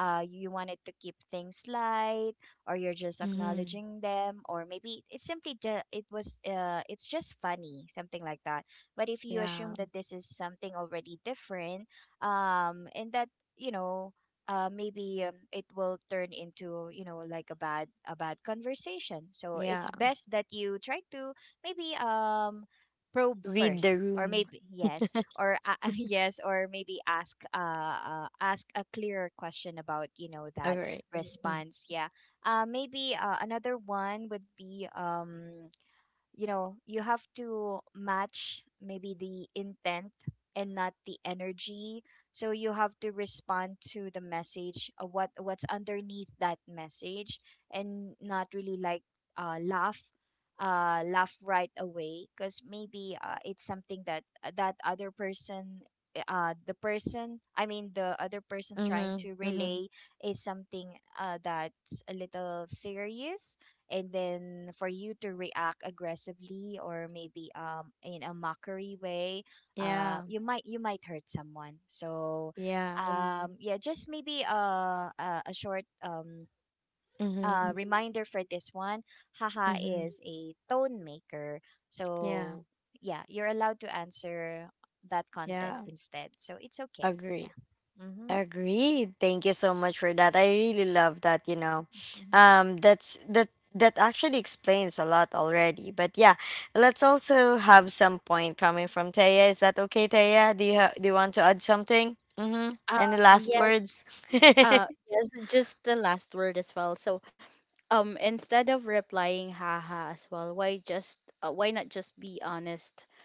S3: you wanted to keep things light, or you're just
S1: Hmm.
S3: acknowledging them, or maybe it's simply it was, it's just funny, something like that. But if you
S1: Yeah,
S3: assume that this is something already different, and that, you know, maybe it will turn into, you know, like a bad, conversation. So it's
S1: yeah.
S3: best that you try to maybe probe
S1: Read the
S3: first, or
S1: room.
S3: maybe yes,
S1: *laughs*
S3: or *laughs* yes, or maybe ask, ask a clearer question about, you know, that
S1: Agree. Mm-hmm.
S3: response, yeah. Maybe Another one would be, you know, you have to match maybe the intent and not the energy. So you have to respond to the message, what, what's underneath that message, and not really like uh, laugh laugh right away, because maybe it's something that, that other person, the other person, trying to
S1: Mm-hmm.
S3: relay is something that's a little serious, and then for you to react aggressively, or maybe in a mockery way,
S1: Yeah,
S3: you might, you might hurt someone. So
S1: yeah.
S3: yeah, just maybe a short
S1: Mhm.
S3: Mm-hmm. Reminder for this one: haha
S1: Mhm.
S3: is a tone maker.
S1: Yeah.
S3: So yeah, you're allowed to answer that content
S1: Yeah.
S3: instead, so it's okay.
S1: Agree.
S3: Yeah. Mm-hmm.
S1: Agreed. Thank you so much for that. I really love that, you know.
S3: Mm-hmm.
S1: That's that that actually explains a lot already. But yeah, let's also have some point coming from Taya. Is that okay, Taya? Do you want to add something? Mhm.
S2: Um
S1: Any last
S2: Yes.
S1: words? *laughs*
S2: Yes, just the last word as well. So instead of replying haha as well, why just why not just be honest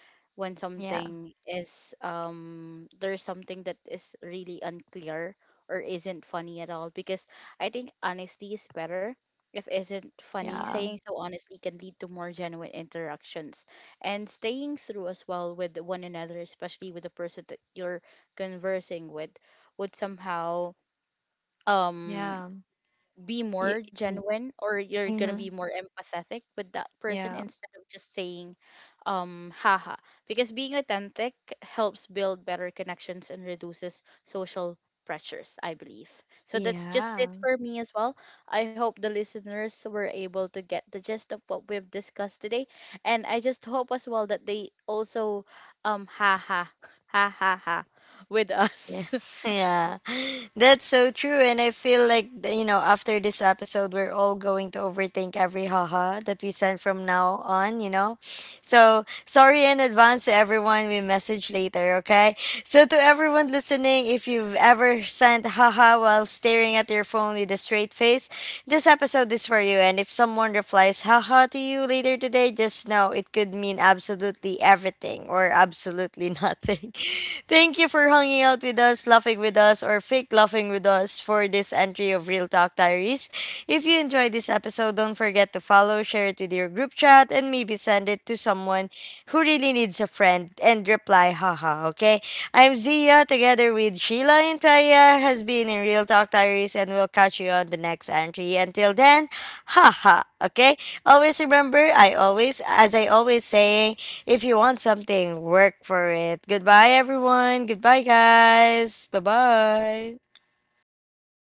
S2: when
S1: Yeah.
S2: something is there's something that is really unclear or isn't funny at all, because I think honesty is better. If isn't funny,
S1: Yeah.
S2: saying so honestly can lead to more genuine interactions and staying through as well with one another, especially with the person that you're conversing with. Would somehow um
S1: Yeah.
S2: be
S1: Y-
S2: more genuine, or you're gonna be
S1: mhm.
S2: more empathetic with that person
S1: Yeah.
S2: instead of just saying haha, because being authentic helps build better connections and reduces social pressures, I believe. So that's just it
S1: Yeah.
S2: for me as well. I hope the listeners were able to get the gist of what we've discussed today, and I just hope as well that they also haha *laughs* ha ha ha ha with *laughs*
S1: Yeah,
S2: us.
S1: *laughs* yeah, that's so true. And I feel like, you know, after this episode, we're all going to overthink every haha that we send from now on, you know? So, sorry in advance to everyone. We message later, okay? So, to everyone listening, if you've ever sent haha while staring at your phone with a straight face, this episode is for you. And if someone replies haha to you later today, just know it could mean absolutely everything or absolutely nothing. *laughs* Thank you for hanging out with us, laughing with us, or fake laughing with us for this entry of Real Talk Diaries. If you enjoyed this episode, don't forget to follow, share it with your group chat, and maybe send it to someone who really needs a friend and reply, haha, okay? I'm Zia, together with Sheila and Taya, has been in Real Talk Diaries, and we'll catch you on the next entry. Until then, haha, okay? Always remember, I always, as I always say. If you want something, work for it. Goodbye, everyone. Goodbye, guys. Bye bye.